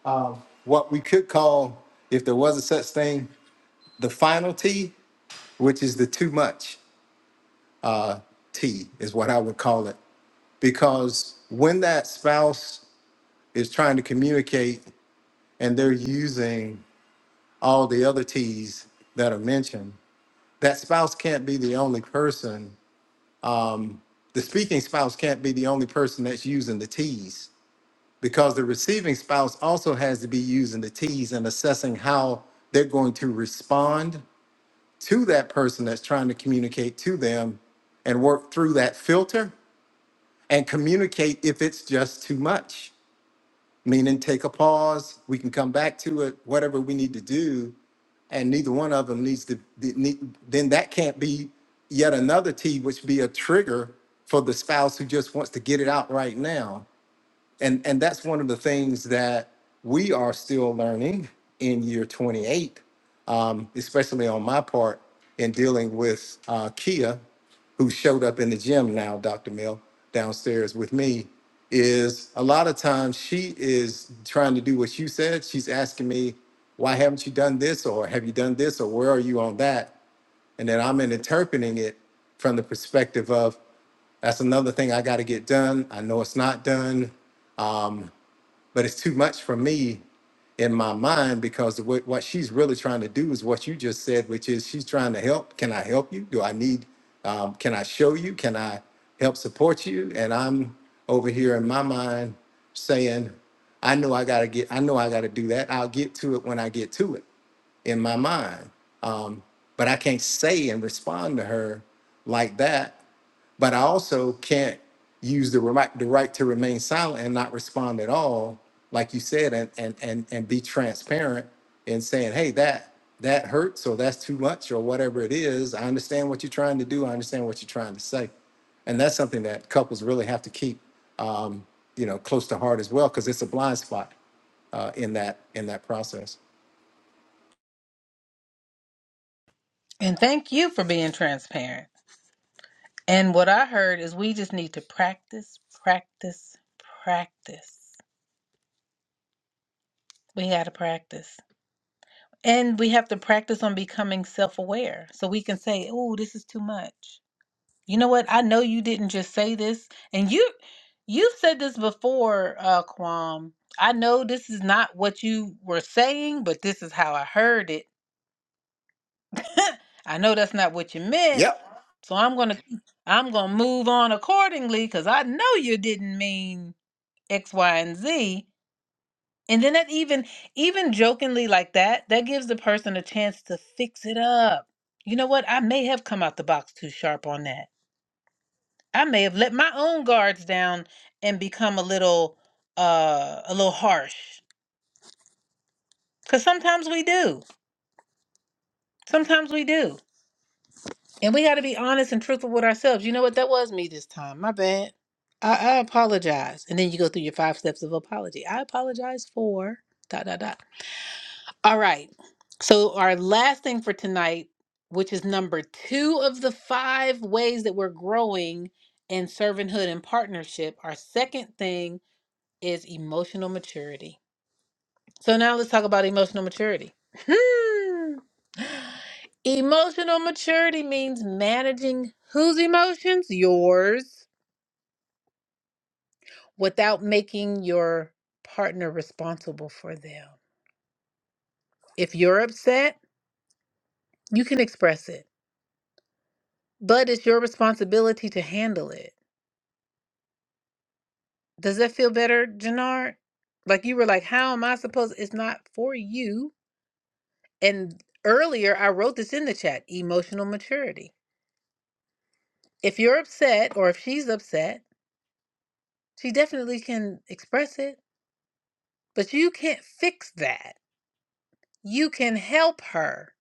um, what we could call, if there was a such thing, the final T, which is the too much uh, T, is what I would call it. Because when that spouse is trying to communicate and they're using all the other T's that are mentioned, that spouse can't be the only person um, the speaking spouse can't be the only person that's using the T's because the receiving spouse also has to be using the T's and assessing how they're going to respond to that person that's trying to communicate to them and work through that filter and communicate if it's just too much meaning take a pause. We can come back to it, whatever we need to do, and neither one of them needs to. th- need- Then that can't be yet another T, which be a trigger for the spouse who just wants to get it out right now and and that's one of the things that we are still learning in year 28 um, especially on my part in dealing with uh, kia who showed up in the gym now dr mill downstairs with me is a lot of times she is trying to do what you said she's asking me why haven't you done this or have you done this or where are you on that and then i'm interpreting it from the perspective of that's another thing I got to get done. I know it's not done but it's too much for me in my mind because what, what she's really trying to do is what you just said, which is she's trying to help. Can I help you? Do I need, um, can I show you? Can I help support you? And I'm over here in my mind saying, I know I got to get, I know I got to do that. I'll get to it when I get to it in my mind. Um, but I can't say and respond to her like that but I also can't use the right the right to remain silent and not respond at all, like you said, and and and and be transparent in saying, hey, that that hurts or that's too much or whatever it is. I understand what you're trying to do. I understand what you're trying to say, and that's something that couples really have to keep, um, you know, close to heart as well, because it's a blind spot uh, in that in that process. And thank you for being transparent. And what I heard is we just need to practice, practice, practice. We got to practice. And we have to practice on becoming self aware so we can say, oh, this is too much. You know what? I know you didn't just say this. And you, you've said this before, uh, Kwam. I know this is not what you were saying, but this is how I heard it. I know that's not what you meant. Yep. So I'm going to, I'm going to move on accordingly because I know you didn't mean X, Y, and Z. And then that even even jokingly like that, that gives the person a chance to fix it up. You know what? I may have come out the box too sharp on that. I may have let my own guards down and become a little uh a little harsh. Cuz sometimes we do. Sometimes we do. And we got to be honest and truthful with ourselves. You know what? That was me this time. My bad. I, I apologize. And then you go through your five steps of apology. I apologize for dot dot dot. All right. So, our last thing for tonight, which is number two of the five ways that we're growing in servanthood and partnership, our second thing is emotional maturity. So, now let's talk about emotional maturity. Hmm. Emotional maturity means managing whose emotions? Yours, without making your partner responsible for them. If you're upset, you can express it. but it's your responsibility to handle it. Does that feel better, Janard? Like you were like, how am I supposed? It's not for you. And earlier, I wrote this in the chat: emotional maturity. If you're upset, or if she's upset, she definitely can express it, but you can't fix that. You can help her.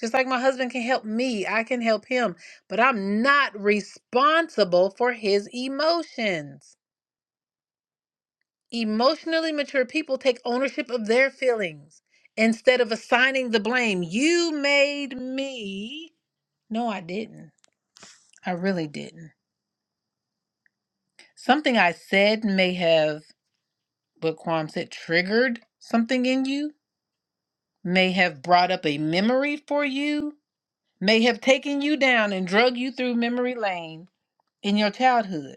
Just like my husband can help me, I can help him, but I'm not responsible for his emotions. Emotionally mature people take ownership of their feelings instead of assigning the blame. You made me. No, I didn't. I really didn't. Something I said may have, what Quam said, triggered something in you, may have brought up a memory for you, may have taken you down and drug you through memory lane in your childhood.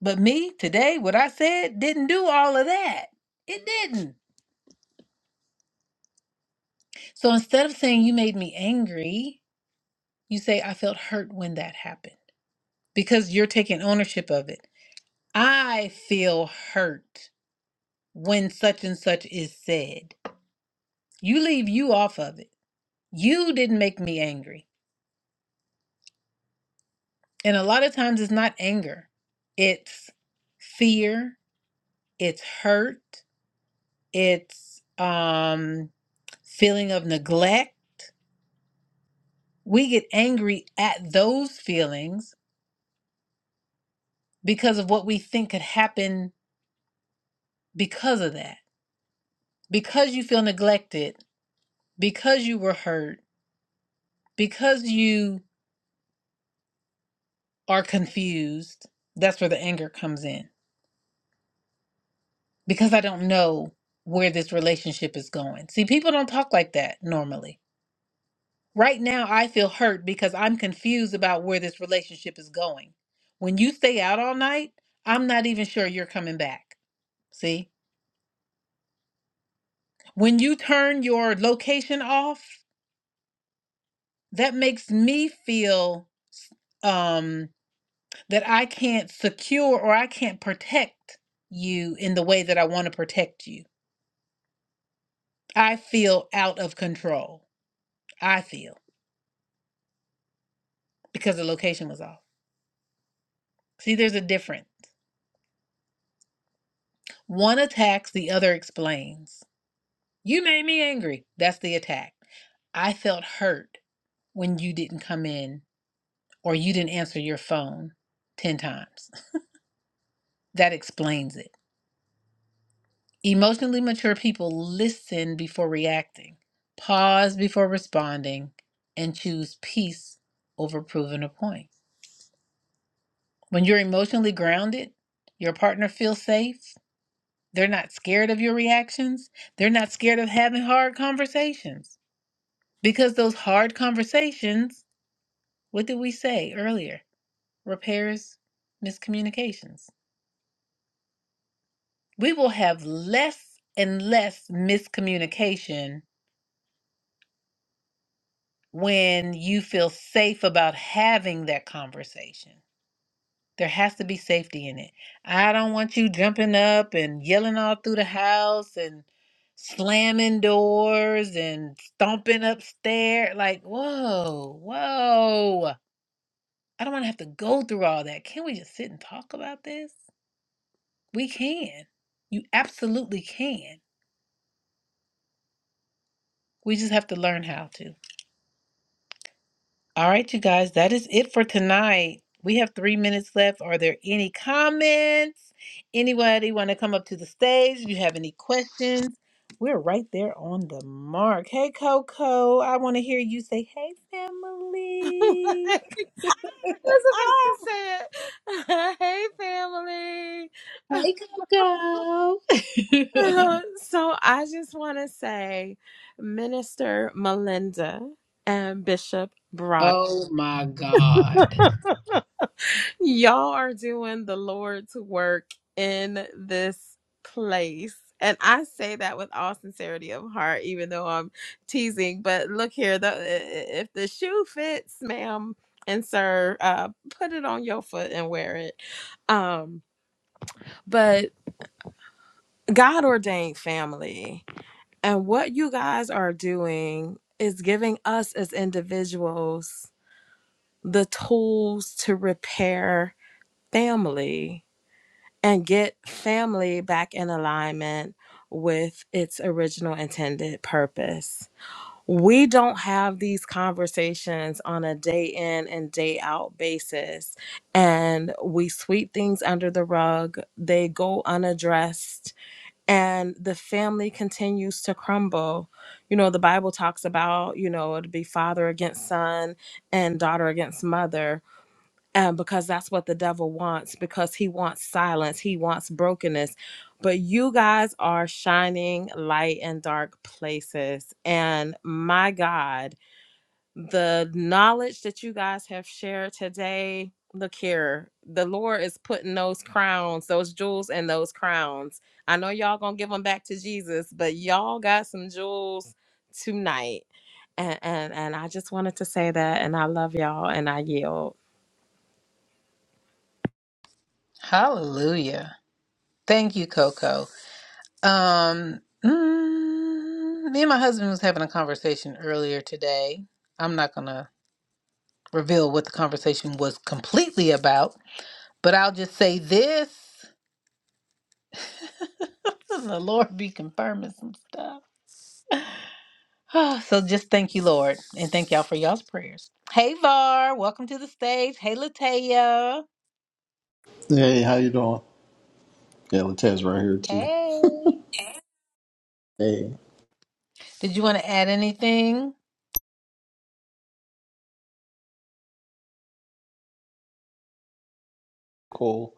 But me, today, what I said didn't do all of that. It didn't. So instead of saying you made me angry, You say, I felt hurt when that happened because you're taking ownership of it. I feel hurt when such and such is said. You leave you off of it. You didn't make me angry. And a lot of times it's not anger, it's fear, it's hurt, it's um, feeling of neglect. We get angry at those feelings because of what we think could happen because of that. Because you feel neglected because you were hurt, because you are confused, that's where the anger comes in. Because I don't know where this relationship is going. See, people don't talk like that normally. Right now, I feel hurt because I'm confused about where this relationship is going. When you stay out all night, I'm not even sure you're coming back. See? When you turn your location off, that makes me feel um that I can't secure or I can't protect you in the way that I want to protect you. I feel out of control. I feel because the location was off. See, there's a difference. One attacks, the other explains. You made me angry. That's the attack. I felt hurt when you didn't come in or you didn't answer your phone 10 times. That explains it. Emotionally mature people listen before reacting, pause before responding, and choose peace over proving a point. When you're emotionally grounded, your partner feels safe. They're not scared of your reactions. They're not scared of having hard conversations. Because those hard conversations, what did we say earlier? Repairs miscommunications. We will have less and less miscommunication when you feel safe about having that conversation. There has to be safety in it. I don't want you jumping up and yelling all through the house and slamming doors and stomping upstairs. Like, whoa, whoa. I don't want to have to go through all that. Can we just sit and talk about this? We can. You absolutely can. We just have to learn how to. All right, you guys, that is it for tonight. We have three minutes left. Are there any comments? Anybody want to come up to the stage? You have any questions? We're right there on the mark. Hey, Coco, I want to hear you say, hey, I family. was about Ah, to say it. hey, family. Hey, Coco. Uh, so I just want to say, Minister Melinda and Bishop Broad. oh, my God. Y'all are doing the Lord's work in this place. And I say that with all sincerity of heart, even though I'm teasing. But look here, the, i- if the shoe fits, ma'am and sir, uh, put it on your foot and wear it. Um, but God ordained family. And what you guys are doing is giving us as individuals the tools to repair family and get family back in alignment with its original intended purpose. We don't have these conversations on a day in and day out basis, and we sweep things under the rug. They go unaddressed, and the family continues to crumble. You know, the Bible talks about, you know, it'd be father against son and daughter against mother um, because that's what the devil wants because he wants silence he wants brokenness but you guys are shining light in dark places and my god the knowledge that you guys have shared today look here the lord is putting those crowns those jewels in those crowns i know y'all gonna give them back to jesus but y'all got some jewels tonight and and, and i just wanted to say that and i love y'all and i yield Hallelujah. Thank you, Coco. Um, mm, me and my husband was having a conversation earlier today. I'm not gonna reveal what the conversation was completely about, but I'll just say this. The Lord be confirming some stuff. Ah, so just thank you, Lord, and thank y'all for y'all's prayers. Hey Var, welcome to the stage. Hey Lataya. Hey, how you doing? Yeah, Latez right here too. Hey. Hey. Did you want to add anything? cool.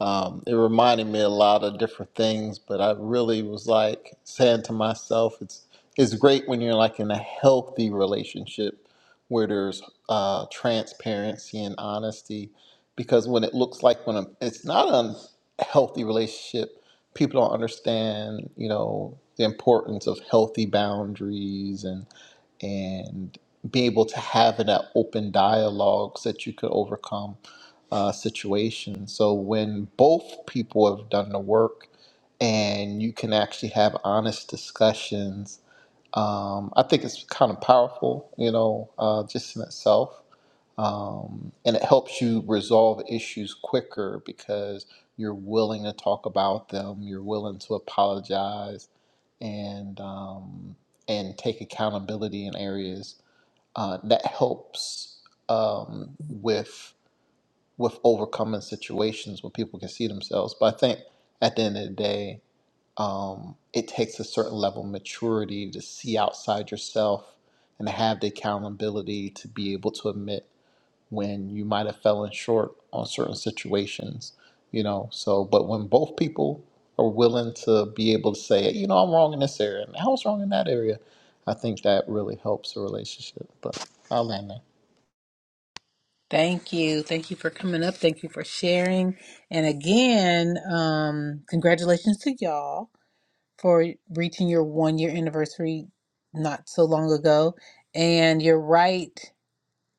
Um, it reminded me a lot of different things, but I really was like saying to myself, it's it's great when you're like in a healthy relationship where there's uh, transparency and honesty, because when it looks like when a, it's not an healthy relationship, people don't understand, you know, the importance of healthy boundaries and and be able to have that open dialogue so that you could overcome uh, situation. So when both people have done the work and you can actually have honest discussions, um, I think it's kind of powerful, you know, uh, just in itself. Um, and it helps you resolve issues quicker because you're willing to talk about them, you're willing to apologize and um, and take accountability in areas uh, that helps um, with with overcoming situations where people can see themselves. But I think at the end of the day, um, it takes a certain level of maturity to see outside yourself and to have the accountability to be able to admit when you might have fallen short on certain situations, you know. So, but when both people are willing to be able to say, you know, I'm wrong in this area and I was wrong in that area, I think that really helps a relationship. But I'll land there. Thank you. Thank you for coming up. Thank you for sharing. And again, um, congratulations to y'all for reaching your one year anniversary not so long ago. And you're right,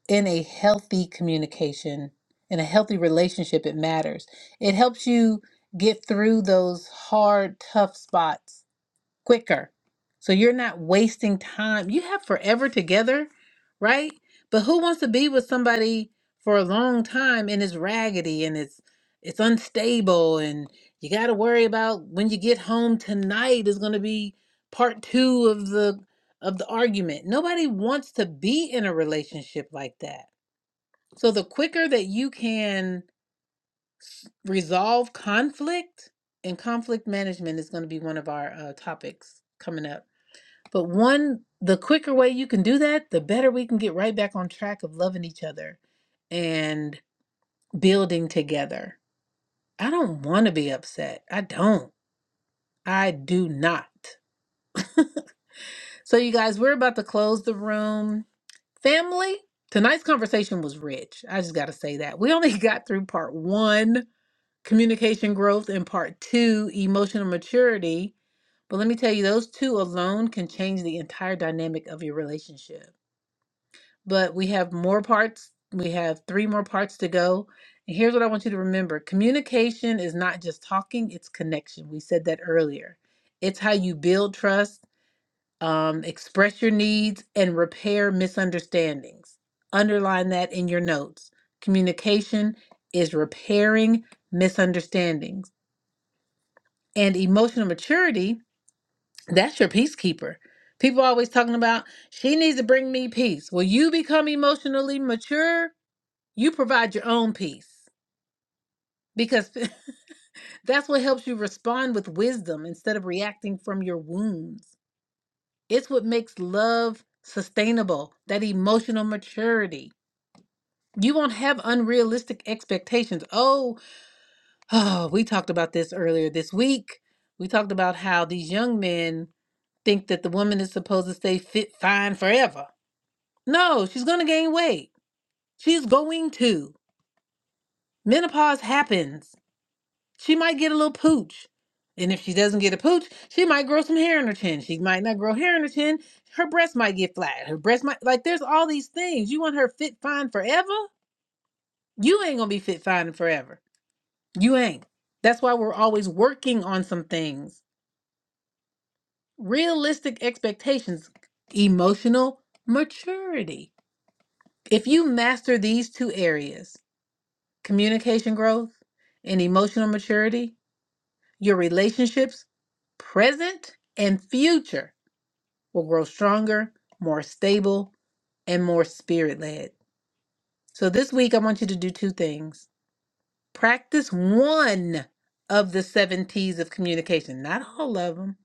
in a healthy communication, in a healthy relationship, it matters. It helps you get through those hard, tough spots quicker. So you're not wasting time. You have forever together, right? But who wants to be with somebody for a long time and it's raggedy and it's it's unstable and you got to worry about when you get home tonight is going to be part 2 of the of the argument. Nobody wants to be in a relationship like that. So the quicker that you can resolve conflict and conflict management is going to be one of our uh, topics coming up but one, the quicker way you can do that, the better we can get right back on track of loving each other and building together. I don't want to be upset. I don't. I do not. So, you guys, we're about to close the room. Family, tonight's conversation was rich. I just got to say that. We only got through part one, communication growth, and part two, emotional maturity. But let me tell you, those two alone can change the entire dynamic of your relationship. but we have more parts. We have three more parts to go. And here's what I want you to remember communication is not just talking, it's connection. We said that earlier. It's how you build trust, um, express your needs, and repair misunderstandings. Underline that in your notes. Communication is repairing misunderstandings. And emotional maturity, that's your peacekeeper. People always talking about, she needs to bring me peace. Will you become emotionally mature? You provide your own peace because that's what helps you respond with wisdom instead of reacting from your wounds. It's what makes love sustainable, that emotional maturity. You won't have unrealistic expectations. Oh, oh, we talked about this earlier this week. We talked about how these young men think that the woman is supposed to stay fit fine forever. No, she's going to gain weight. She's going to. Menopause happens She might get a little pooch. And if she doesn't get a pooch, she might grow some hair in her chin. She might not grow hair in her chin. Her breast might get flat. Her breast might like there's all these things. You want her fit fine forever? You ain't gonna be fit fine and forever. You ain't. That's why we're always working on some things. Realistic expectations, emotional maturity. If you master these two areas, communication growth and emotional maturity, Your relationships, present and future, will grow stronger, more stable, and more spirit led. So this week, I want you to do two things. Practice one of the seven T's of communication, not all of them,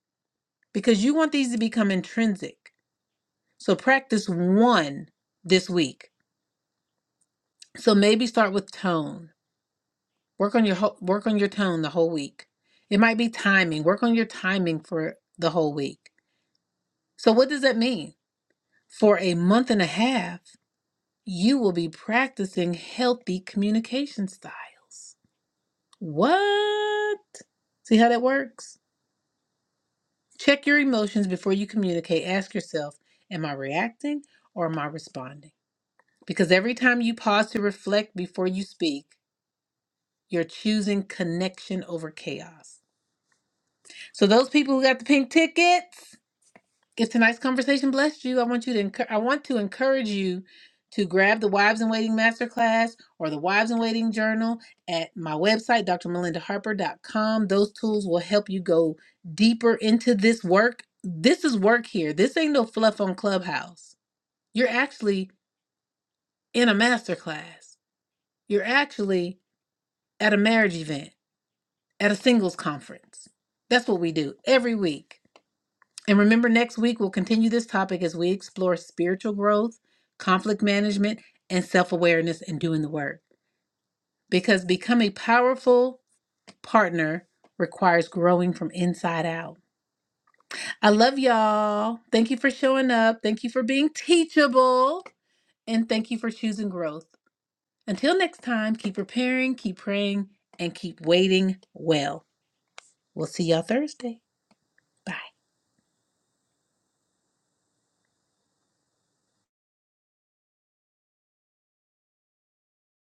because you want these to become intrinsic. So practice one this week. So maybe start with tone. Work on your ho- work on your tone the whole week. It might be timing. Work on your timing for the whole week. So what does that mean? For a month and a half, you will be practicing healthy communication styles. What? See how that works? Check your emotions before you communicate. Ask yourself, am I reacting or am I responding? Because every time you pause to reflect before you speak, you're choosing connection over chaos. So, those people who got the pink tickets, If tonight's conversation blessed you, I want you to encour- I want to encourage you to grab the Wives in Waiting Masterclass or the Wives in Waiting Journal at my website, drmelindaharper.com. Those tools will help you go deeper into this work. This is work here. This ain't no fluff on Clubhouse. You're actually in a masterclass. You're actually at a marriage event, at a singles conference. That's what we do every week. And remember, next week we'll continue this topic as we explore spiritual growth, conflict management, and self awareness and doing the work. Because becoming a powerful partner requires growing from inside out. I love y'all. Thank you for showing up. Thank you for being teachable. And thank you for choosing growth. Until next time, keep preparing, keep praying, and keep waiting well. We'll see y'all Thursday. Bye.